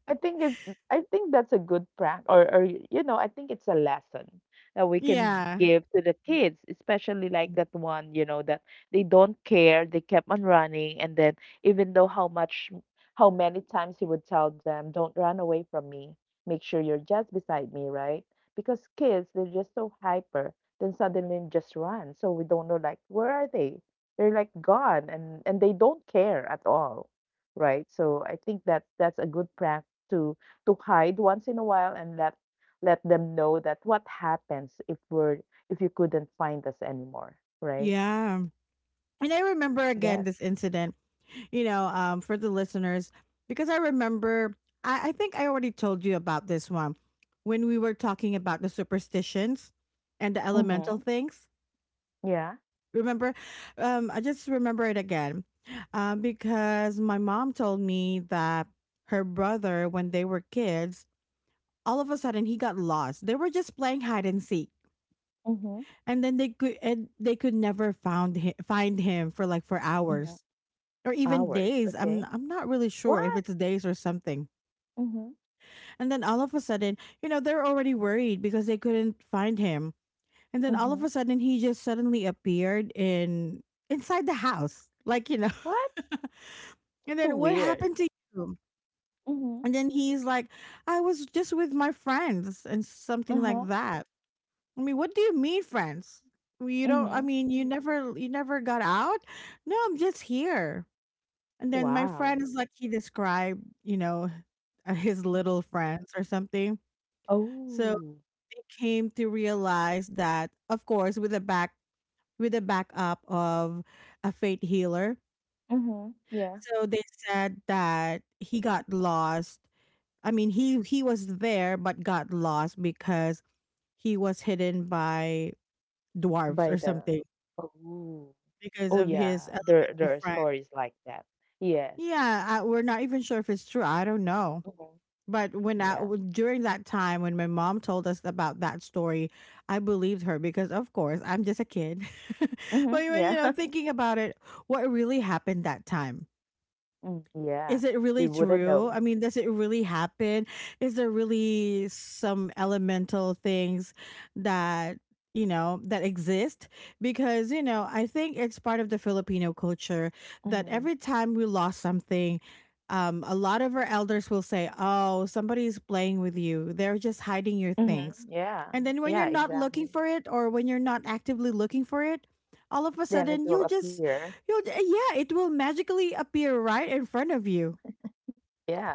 I think that's a good prank, or, you know, I think it's a lesson that we can
Yeah,
give to the kids, especially like that one, you know, that they don't care, they kept on running. And then, even though how much, how many times he would tell them, don't run away from me, make sure you're just beside me, right? Because kids, they're just so hyper, then suddenly just run, so we don't know, like, where are they? They're like gone, and they don't care at all, right? So I think that that's a good prank to to hide once in a while, and let let them know that, what happens if we're if you couldn't find us anymore, right?
yeah. And I remember
Yes.
again this incident, you know, for the listeners, because I remember, I think I already told you about this one when we were talking about the superstitions and the
Mm-hmm.
elemental things.
Yeah.
Remember? I just remember it again, because my mom told me that her brother, when they were kids, all of a sudden he got lost. They were just playing hide and seek.
Mm-hmm.
And then they could never find him for like for
Mm-hmm.
hours or even
Hours.
days. I'm
Okay.
I'm not really sure if
What?
it's days or something.
Mm-hmm.
And then all of a sudden, you know, they're already worried because they couldn't find him. And then all of
Mm-hmm.
a sudden, he just suddenly appeared in inside the house, like you know.
What?
*laughs* And
So
then, what
weird.
happened to you?
Mm-hmm.
And then he's like, I was just with my friends and something like
Uh-huh.
that. I mean, what do you mean, friends? You don't. I
Mm-hmm.
mean, you never got out. No, I'm just here. And then my friend
Wow.
is like he described, you know, his little friends or something. So
Oh.
they came to realize that, of course, with the back, with the backup of a fate healer.
Mm-hmm. Yeah.
So they said that he got lost. I mean, he was there but got lost because he was hidden by dwarves or
By the
something
oh.
because
Oh
of his
yeah. There
elemental
there are
friend.
stories like that. Yes.
Yeah, I, we're not even sure if it's true. I don't know.
Mm-hmm.
But when
Yeah.
during that time when my mom told us about that story, I believed her because of course I'm just a kid. *laughs* But
Mm-hmm.
when you
Yeah.
know,
*laughs*
thinking about it, what really happened that time?
Mm, yeah,
Is it really
you wouldn't
true? I
know.
mean, does it really happen? Is there really some elemental things that, you know, that exist? Because, you know, I think it's part of the Filipino culture that
Mm-hmm.
every time we lost something, a lot of our elders will say, oh, somebody's playing with you. They're just hiding your
Mm-hmm.
things.
Yeah.
And then when
Yeah,
you're not looking
exactly.
for it, or when you're not actively looking for it, all of a
Then it
sudden
will
you'll just
appear.
Yeah, it will magically appear right in front of you.
Yeah.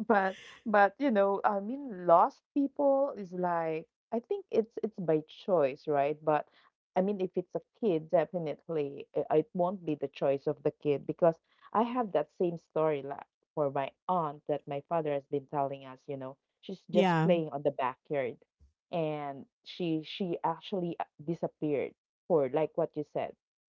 But but you know, I mean, lost people is like, I think it's by choice, right? But I mean, if it's a kid, definitely it won't be the choice of the kid, because I have that same story la for my aunt that my father has been telling us, you know, she's just
Yeah.
playing on the backyard. And she actually disappeared for like what you said,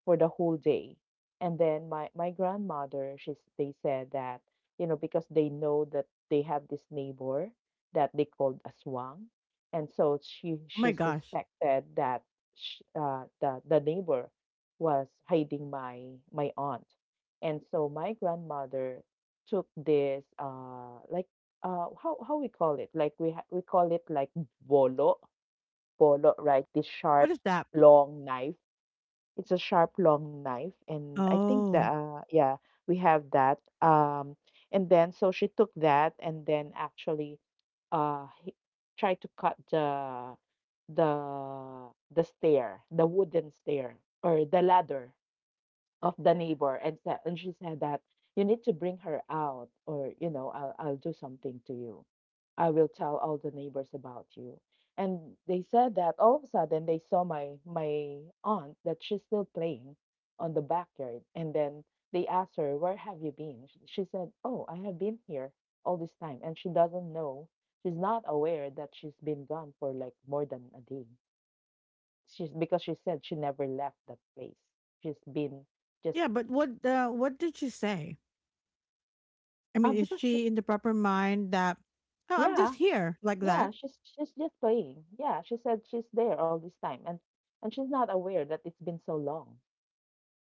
for the whole day. And then my grandmother, she's they said that, you know, because they know that they have this neighbor that they called Aswang. And so
Oh
she
my gosh.
suspected that sh the neighbor was hiding my aunt. And so my grandmother took this like, how we call it? Like we call it like bolo, bolo, right? This
What
sharp
is that?
long knife, it's a sharp long knife. And I think that
Oh.
yeah, we have that and then so she took that. And then actually he tried to cut the the stair, the wooden stair, or the ladder of the neighbor. And she said that, you need to bring her out, or, you know, I'll do something to you. I will tell all the neighbors about you. And they said that all of a sudden they saw my aunt that she's still playing on the backyard. And then they asked her, where have you been? She said, "Oh, I have been here all this time." And she doesn't know. She's not aware that she's been gone for like more than a day. She's, because she said she never left that place. She's been just
Yeah, but what did she say? I
Uh,
mean, is
because she,
she in the proper mind that, oh, I'm just
yeah,
here, like
yeah,
that?
she's just playing. Yeah, she said she's there all this time, and she's not aware that it's been so long.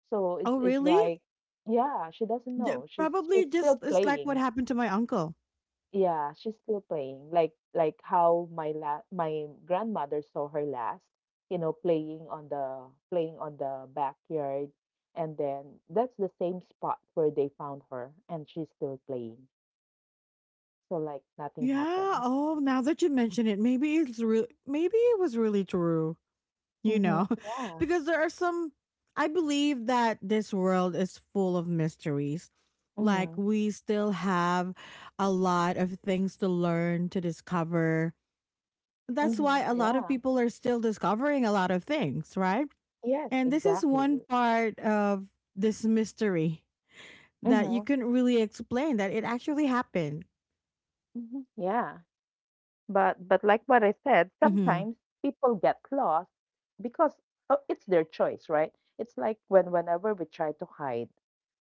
So
Oh,
it's
really?
like, yeah, she doesn't
Yeah,
know. She's
probably
she's
just
still
it's like what
playing.
happened to my uncle.
Yeah, she's still playing. Like how my grandmother saw her last, you know, playing on the backyard. And then that's the same spot where they found her, and she's still playing. So like nothing
Yeah.
happened.
Oh, now that you mention it, maybe it's real, maybe it was really true. You
Mm-hmm.
know, *laughs*
Yeah.
because there are some. I believe that this world is full of mysteries. Like,
Mm-hmm.
we still have a lot of things to learn, to discover. That's why
Mhm,
a lot of
yeah.
people are still discovering a lot of things, right?
Yes,
And this is one
exactly.
part of this mystery that you
Mhm,
couldn't really explain that it actually happened.
mhm, yeah. But like what I said,
Hmm.
sometimes people get lost because it's their choice, right? It's like when whenever we try to hide,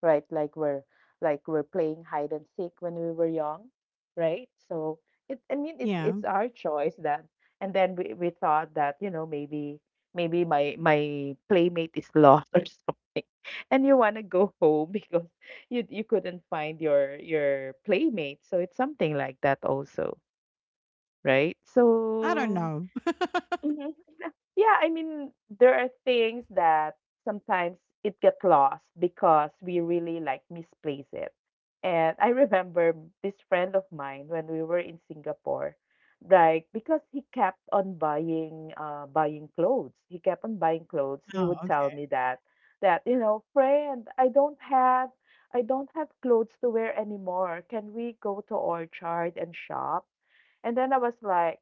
right? Like we're playing hide and seek when we were young, right? So it, I mean, it's
Yeah.
it's our choice that, and then we thought that, you know, maybe maybe my playmate is lost or *laughs* something. And you want to go home *laughs* because you couldn't find your playmate. So it's something like that also, right?
I don't
So
know. *laughs*
Mhm. Yeah, I mean, there are things that sometimes it get lost because we really like misplace it. And I remember this friend of mine when we were in Singapore, like because he kept on buying buying clothes. He kept on buying clothes. He would
Oh,
tell me that, you know, friend, I don't have, I don't have clothes to wear anymore. Can we go to Orchard and shop? And then I was like,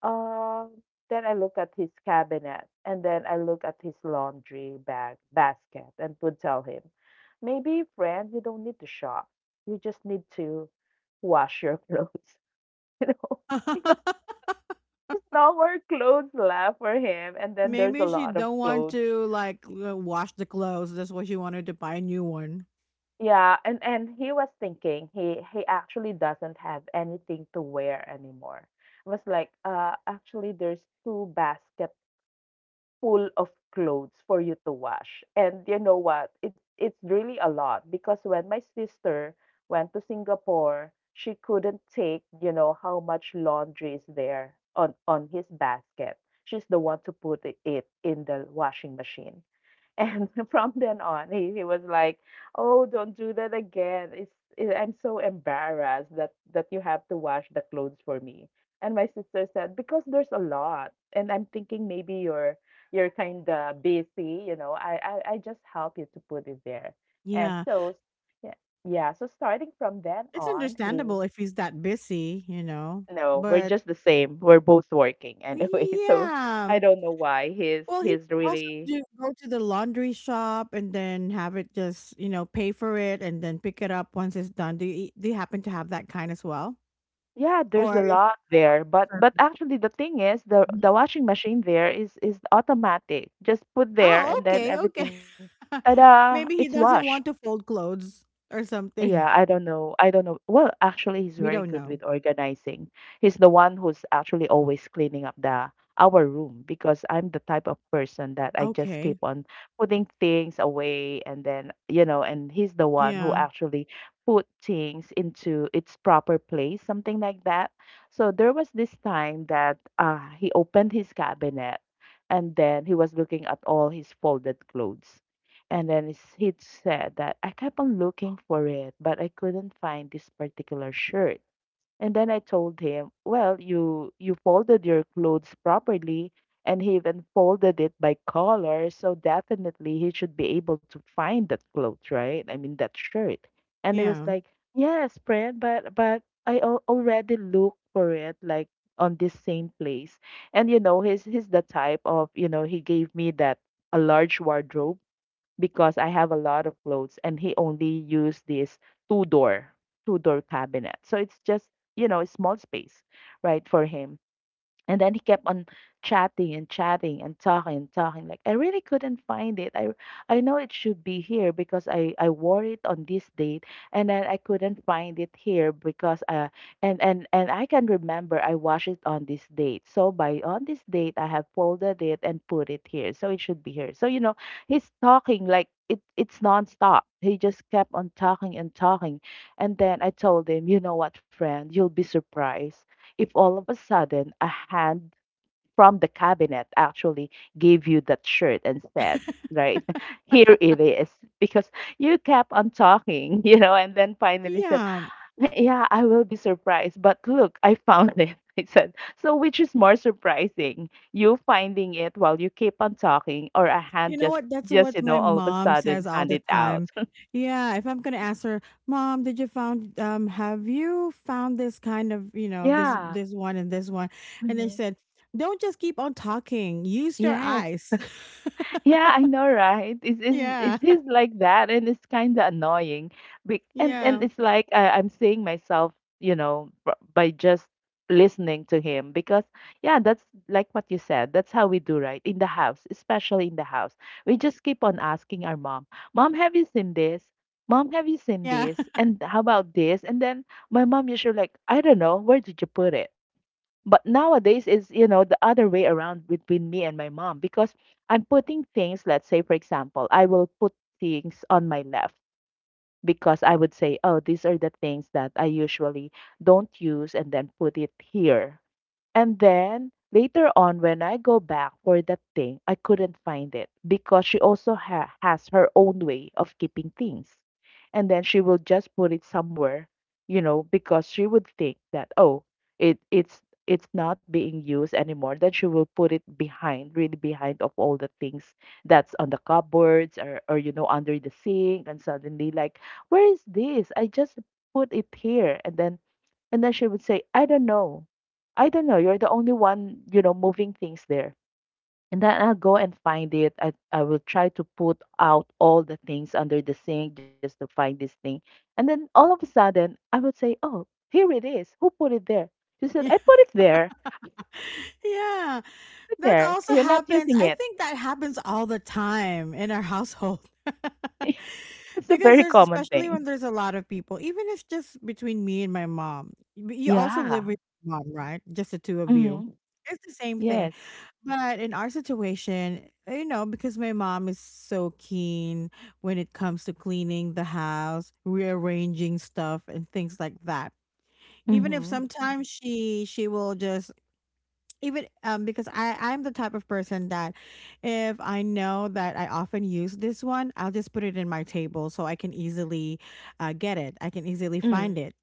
um, then I look at his cabinet, and then I look at his laundry bag basket, and would tell him, maybe, friend, you don't need to shop. You just need to wash your clothes, *laughs* you know,
okay.
*laughs* because
*laughs*
there's no more clothes left for him. And then there's a
Maybe she
lot of
don't want
clothes.
to like wash the clothes. That's why she wanted to buy a new one.
Yeah, and he was thinking he actually doesn't have anything to wear anymore. I was like, actually, there's two basket full of clothes for you to wash. And you know what? It's really a lot because when my sister went to Singapore, she couldn't take, you know, how much laundry is there on his basket. She's the one to put it in the washing machine. And *laughs* from then on, he was like, "Oh, don't do that again. I'm so embarrassed that you have to wash the clothes for me." And my sister said, "Because there's a lot." And I'm thinking maybe you're kind of busy. I just help you to put it there. And
Yeah,
so yeah, yeah. So starting from then
it's
on, he
understandable if he's that busy, you know.
no, we're
But
just the same. We're both working anyway. *laughs* So
yeah,
I don't know why he's
well, he can
he's
also
really.
do go to the laundry shop and then have it, just you know, pay for it and then pick it up once it's done. Do you happen to have that kind as well?
Yeah, there's
Or
a lot there, but actually the thing is the
mhm.
the washing machine there is automatic. Just put there
Oh,
and then
okay, okay.
everything,
*laughs*
ta-da, it's
Maybe he
washed.
doesn't want to fold clothes or
Yeah,
something.
I
*laughs*
don't know. I don't know. Well, actually, he's
We
very
don't
good
know.
with organizing. He's the one who's actually always cleaning up the our room because I'm the type of person that I just keep
Okay.
on putting things away and he's the one who
Yeah.
actually put things into its proper place, something like that. So there was this time that he opened his cabinet and then he was looking at all his folded clothes. And then he said that I kept on looking for it, but I couldn't find this particular shirt. And then I told him, well, you folded your clothes properly, and he even folded it by color, so definitely he should be able to find that clothes, right? I mean that shirt. And he was
Yeah.
like, yes, friend, but already looked for it, like on this same place. And you know, he's the type of he gave me that a large wardrobe because I have a lot of clothes and he only used this two door two-door cabinet. So it's just, you know, a small space, right, for him. And then he kept on chatting and chatting and talking and talking. Like I really couldn't find it. I know it should be here because I wore it on this date, and then I couldn't find it here because and I can remember I washed it on this date. So by on this date I have folded it and put it here. So it should be here. So you know he's talking like it's nonstop. He just kept on talking and talking, and then I told him, you know what, friend, you'll be surprised if all of a sudden a hand from the cabinet actually gave you that shirt and said, right, *laughs* here it is, because you kept on talking, *laughs* you know, and then finally said,
Yeah.
yeah, I will be surprised, but look, I found it. *laughs* I said, so which is more surprising, you finding it while you keep on talking, or a hand
You know what? That's
just
what
you know,
my
all of a
mom
sudden
says all
hand
the
it out?
time. Yeah, if I'm gonna ask her, mom, did you found have you found this kind of, you
*laughs*
know, this
yeah.
this one? And they
Mhm.
said, don't just keep on talking. Use your
Yes.
eyes. *laughs*
Yeah, I know, right? It's is
Yeah.
it's his like that, and it's kind of annoying. And
Yeah.
it's like I'm seeing myself, you know, by just listening to him because yeah, that's like what you said. That's how we do, right? In the house, especially in the house, we just keep on asking our mom, "Mom, have you seen this? Mom, have you seen
Yeah.
this?
*laughs*
And how about this?" And then my mom usually like, "I don't know. Where did you put it?" But nowadays is, you know, the other way around between me and my mom because I'm putting things, let's say, for example, I will put things on my left because I would say, oh, these are the things that I usually don't use and then put it here and then later on, when I go back for that thing, I couldn't find it because she also has her own way of keeping things. And then she will just put it somewhere, you know, because she would think that, oh, it's it's not being used anymore. Then she will put it behind, really behind of all the things that's on the cupboards or you know, under the sink. And suddenly, like, where is this? I just put it here. And then she would say, I don't know. I don't know. You're the only one, you know, moving things there. And then I'll go and find it. I will try to put out all the things under the sink just to find this thing. And then all of a sudden, I would say, oh, here it is. Who put it there? She said,
Yeah.
I put it there.
Yeah.
Put it
That
there.
also
You're not
happens.
using
I
it.
think that happens all the time in our household.
*laughs*
*laughs*
It's a
Because
very
there's
common
especially
thing.
when there's a lot of people, even if just between me and my mom. But you also live
Yeah.
with your mom, right? Just the two of you.
Hmm.
It's the same thing.
Yes.
But in our situation, you know, because my mom is so keen when it comes to cleaning the house, rearranging stuff and things like that. Even if
Hmm.
sometimes she will just even because I'm the type of person that if I know that I often use this one, I'll just put it in my table so I can easily get it. I can easily
Mm.
find it,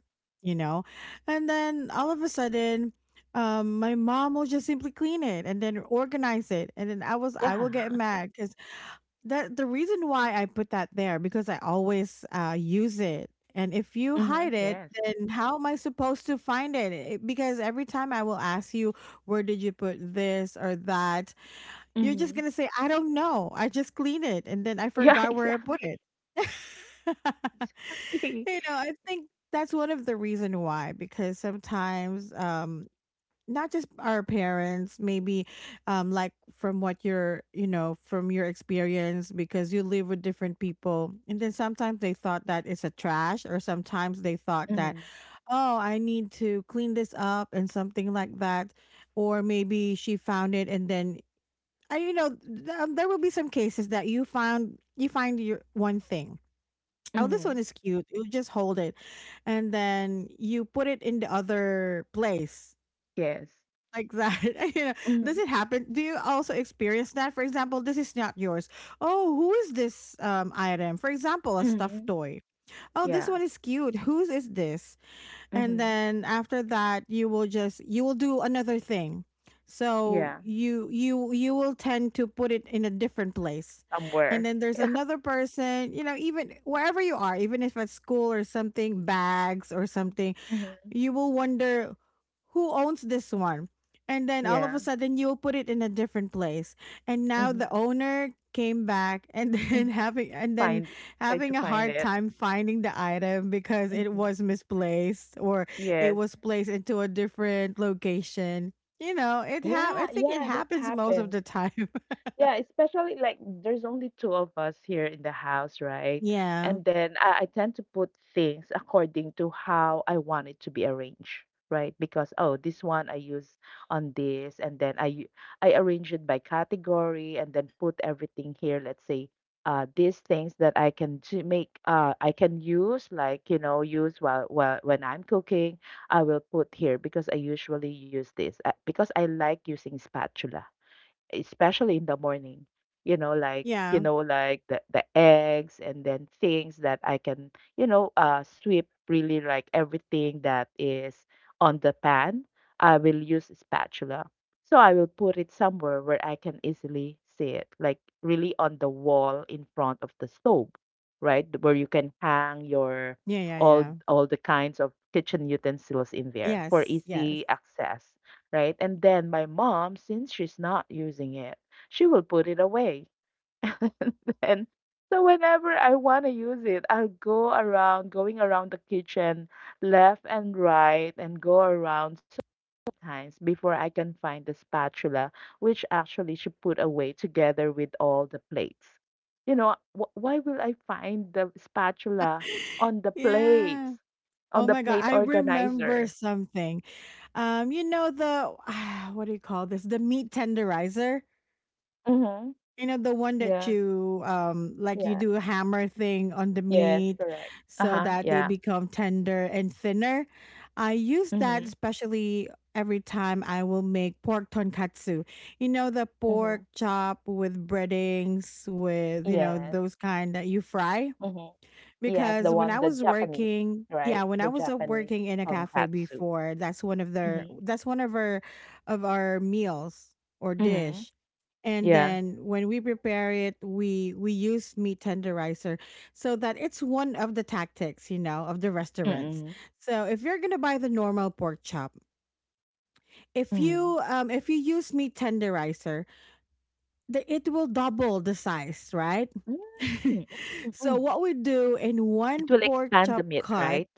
you know. And then all of a sudden, my mom will just simply clean it and then organize it, and then I
Yeah.
will get mad because that the reason why I put that there because I always use it. And
*laughs*
if you
Hmm.
hide
Yes.
it, then how am I supposed to find it? It- Because every time I will ask you, where did you put this or that? You're just
Hmm.
going to say, I don't know. I just cleaned it and then I
Yeah, *laughs*
forgot where I put
exactly.
it. *laughs* You
Exactly.
know, I think that's one of the reason why, because sometimes not just our parents maybe, like from what you're, you know, from your experience, because you live with different people and then sometimes they thought that it's a trash, or sometimes they thought that,
Mhm,
oh, I need to clean this up and something like that. Or maybe she found it and then you know, there will be some cases that you find your one thing, oh, this one
mhm.
is cute, you just hold it and then you put it in the other place,
Yes.
like that. *laughs* You know, does
Mhm,
it happen? Do you also experience that? For example, this is not yours. Oh, who is this item? For example, a stuffed
mhm.
toy. Oh, this
Yeah.
one is cute. Whose is this? And
Mhm.
then after that, you will do another thing. So
Yeah.
you will tend to put it in a different place. And
Somewhere.
then
*laughs*
there's
Yeah.
another person, you know, even wherever you are, even if at school or something, bags or something,
Mhm.
you will wonder who owns this one, and then all of a
Yeah.
sudden you'll put it in a different place, and now
Mhm,
the owner came back and *laughs* then
mhm.
having and then
Find try to
having a
find
hard
it.
time finding the item because it
Mhm.
was misplaced, or it
Yes.
was placed into a different location. You know, it hap- i
Yeah,
think it
yeah, that
happens most of
happens.
the time.
Yeah, especially like there's only two of us here in the house,
*laughs*
right?
Yeah,
And then I tend to put things according to how I want it to be arranged, right? Because oh, this one I use on this, and then I arrange it by category, and then put everything here. Let's say these things that I can use like you know use while when I'm cooking I will put here because I usually use this because I like using spatula especially in the morning you
yeah,
know like the eggs and then things that I can you know sweep really like everything that is on the pan I will use a spatula so I will put it somewhere where I can easily see it like really on the wall in front of the stove right where you can hang your
yeah. Yeah, yeah.
all the kinds of kitchen utensils in there for
Yes, yes.
easy access, right? And then my mom, since she's not using it, she will put it away. *laughs* And so whenever I want to use it, I'll go around, going around the kitchen, left and right, and go around so times before I can find the spatula, which actually she put away together with all the plates. You know, why will I find the spatula on the
Yeah.
plates, on
Oh
the
my god,
plate
I remember
organizer?
something. You know the *sighs* what do you call this? The meat tenderizer.
Mm-hmm.
You know the one that
Yeah,
you like you
yeah.
do a hammer thing on the
Yes,
meat
correct.
so
Uh-huh.
that they
Yeah.
become tender and thinner. I use that
Mm-hmm.
especially every time I will make pork tonkatsu. You know, the pork
Mhm.
chop with breadings, with, you know,
Yes.
those kind that you fry.
Mhm. Yes, the
Because when
one,
I
the
was
Japanese,
working,
right?
yeah, when
The
I was up
Japanese
working in a cafe
tonkatsu.
before, that's
Mm-hmm.
one of our meals or
Mm-hmm.
dish. And
Yeah.
then when we prepare it, we use meat tenderizer, so that it's one of the tactics, you know, of the restaurants.
Mm-mm.
So if you're gonna buy the normal pork chop,
Mm-hmm.
if you use meat tenderizer, it will double the size, right? *laughs*
Mm-mm.
So
Mm-mm.
what we do in one
It will
pork
expand
chop
the meat,
cut,
right?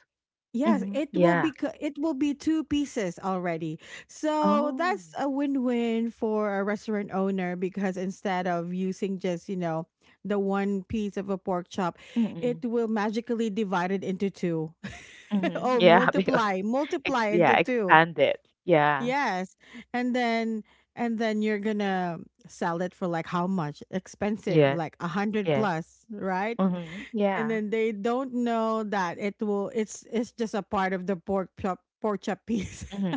yes,
Mm-hmm.
it will be
Yeah.
it will be two pieces already. So
Oh.
that's a win-win for a restaurant owner, because instead of using just, you know, the one piece of a pork chop, it
Mm-mm.
will magically divide it into two. *laughs*
Mm-hmm.
Or
Yeah, *laughs* because ex
multiply into
yeah,
two.
expand it. Yeah.
Yes. And then and then you're gonna sell it for like how much? Expensive,
Yes.
like a hundred
Yes.
plus, right?
Mm-hmm.
And
Yeah.
then they don't know that it's just a part of the pork chop piece.
Mm-hmm.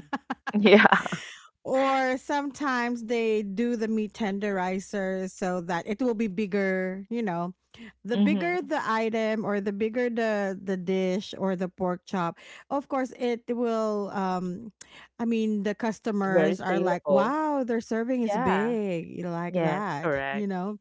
Yeah. *laughs*
Or sometimes they do the meat tenderizer so that it will be bigger, you know. The bigger
Mm-hmm.
the item, or the bigger the dish, or the pork chop, of course it will I mean, the customers
Very
are like,
saleable.
"Wow, their serving is
Yeah.
big." Like
Yes,
that, you
correct.
know.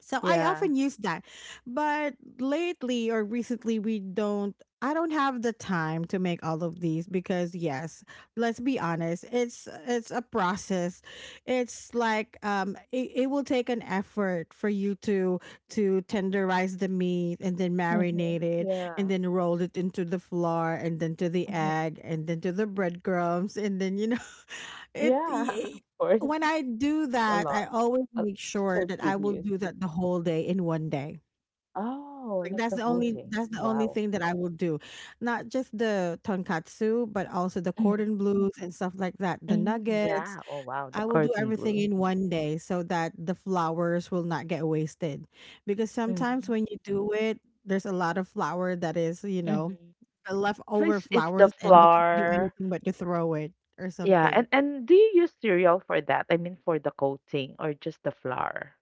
So I often
Yeah.
use that. But lately, or recently, we don't I don't have the time to make all of these, because yes, let's be honest, it's a process. It's like it will take an effort for you to tenderize the meat, and then marinate
Mhm.
it, and
Yeah.
then roll it into the flour, and then to the
Mhm.
egg, and then to the breadcrumbs, and then, you know, it
Yeah, *laughs*
y-
of course.
when I do
It's a
that, I
lot.
always
Uh,
make sure
so
that I will
tedious.
do that the whole day in one day.
Oh,
Like
like the
that's
whole day.
the only
Wow.
thing that I will do. Not just the tonkatsu, but also the
Mhm.
cordon blues and stuff like that, the
Mhm.
nuggets.
Yeah. Oh, wow. The
I will do
cordon
everything
bleu.
in one day so that the flowers will not get wasted. Because sometimes
Mhm.
when you do it, there's a lot of flour that is, you know,
Mhm.
the
So
leftover
it's the
flowers, and you can't do
flour.
anything but to throw it or
Yeah.
something.
And do you use cereal for that? I mean, for the coating or just the flour?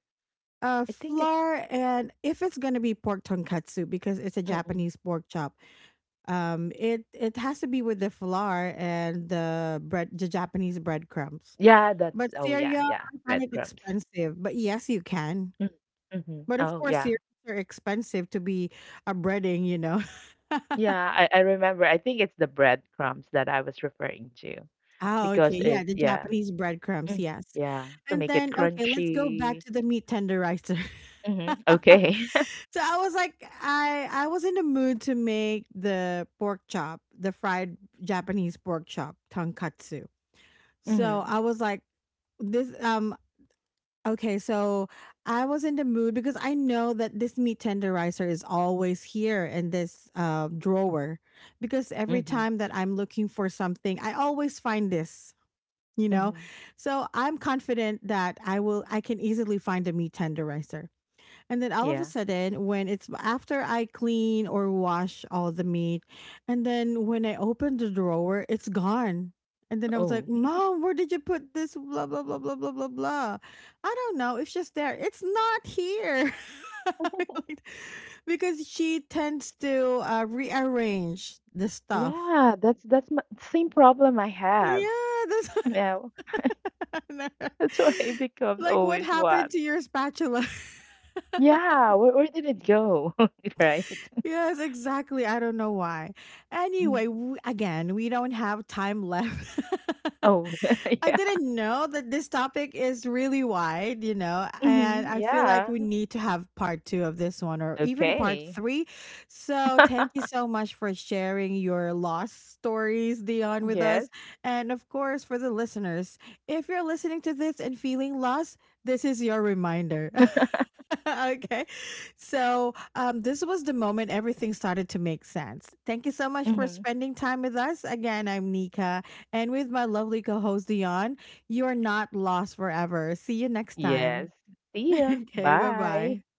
Uh,
I think it's.
flour, and if it's going to be pork tonkatsu, because it's a
Mm-mm.
Japanese pork chop, it it has to be with the flour and the bread the Japanese breadcrumbs.
Yeah. That's
But
oh yeah
cereal,
yeah
I find it
breadcrumbs.
expensive, but yes, you can.
Mm-hmm.
But of
Oh
course,
yeah.
cereals are expensive to be a breading, you know. *laughs*
Yeah, I remember. I think it's the breadcrumbs that I was referring to
Ah, okay,
because
yeah,
it,
the
yeah.
Japanese breadcrumbs,
Mm,
yes.
yeah, to
And
make it
then, okay, let's go back
crunchy.
to the meat tenderizer. *laughs*
Mm-hmm. Okay. *laughs*
So I was like, I was in the mood to make the pork chop, the fried Japanese pork chop, tonkatsu. So
Mm-hmm.
I was like, this okay, so I was in the mood, because I know that this meat tenderizer is always here in this drawer, because every
Mm-hmm.
time that I'm looking for something, I always find this. You know,
Mm-hmm.
so I'm confident that I will. I can easily find a meat tenderizer. And then all of a
Yeah.
sudden, when it's after I clean or wash all the meat, and then when I open the drawer, it's gone. And then I was like,
Oh.
Mom, where did you put this? Blah, blah, blah, blah, blah, blah, blah. I don't know. It's just there. It's not here.
*laughs*
*laughs* Because she tends to rearrange the stuff.
Yeah, that's my same problem I have.
Yeah.
Now,
That's
*laughs* that's why it
*laughs*
becomes
like, what
always
happened
what?
to your spatula? *laughs*
Yeah, where did it go? *laughs* Right?
Yes, exactly. I don't know why.
Mm.
Anyway, again, we don't have time left. *laughs*
Oh, *laughs*
I
yeah.
didn't know that this topic is really wide, you know, and
Hmm.
I feel like
Yeah.
we need to have part two of this one, or even part
Okay.
three. So, thank you
*laughs*
so much for sharing your lost stories, Dion, with us.
Yes.
And of course, for the listeners, if you're listening to this and feeling lost, this is your reminder. *laughs* *laughs* Okay. So, this was the moment everything started to make sense. Thank you so much for spending time with us. Again, I'm Nika, and with my lovely co host, Dion, you are not lost forever. See you next time.
Yes. See
*laughs*
ya.
Okay. Bye
Bye.
bye.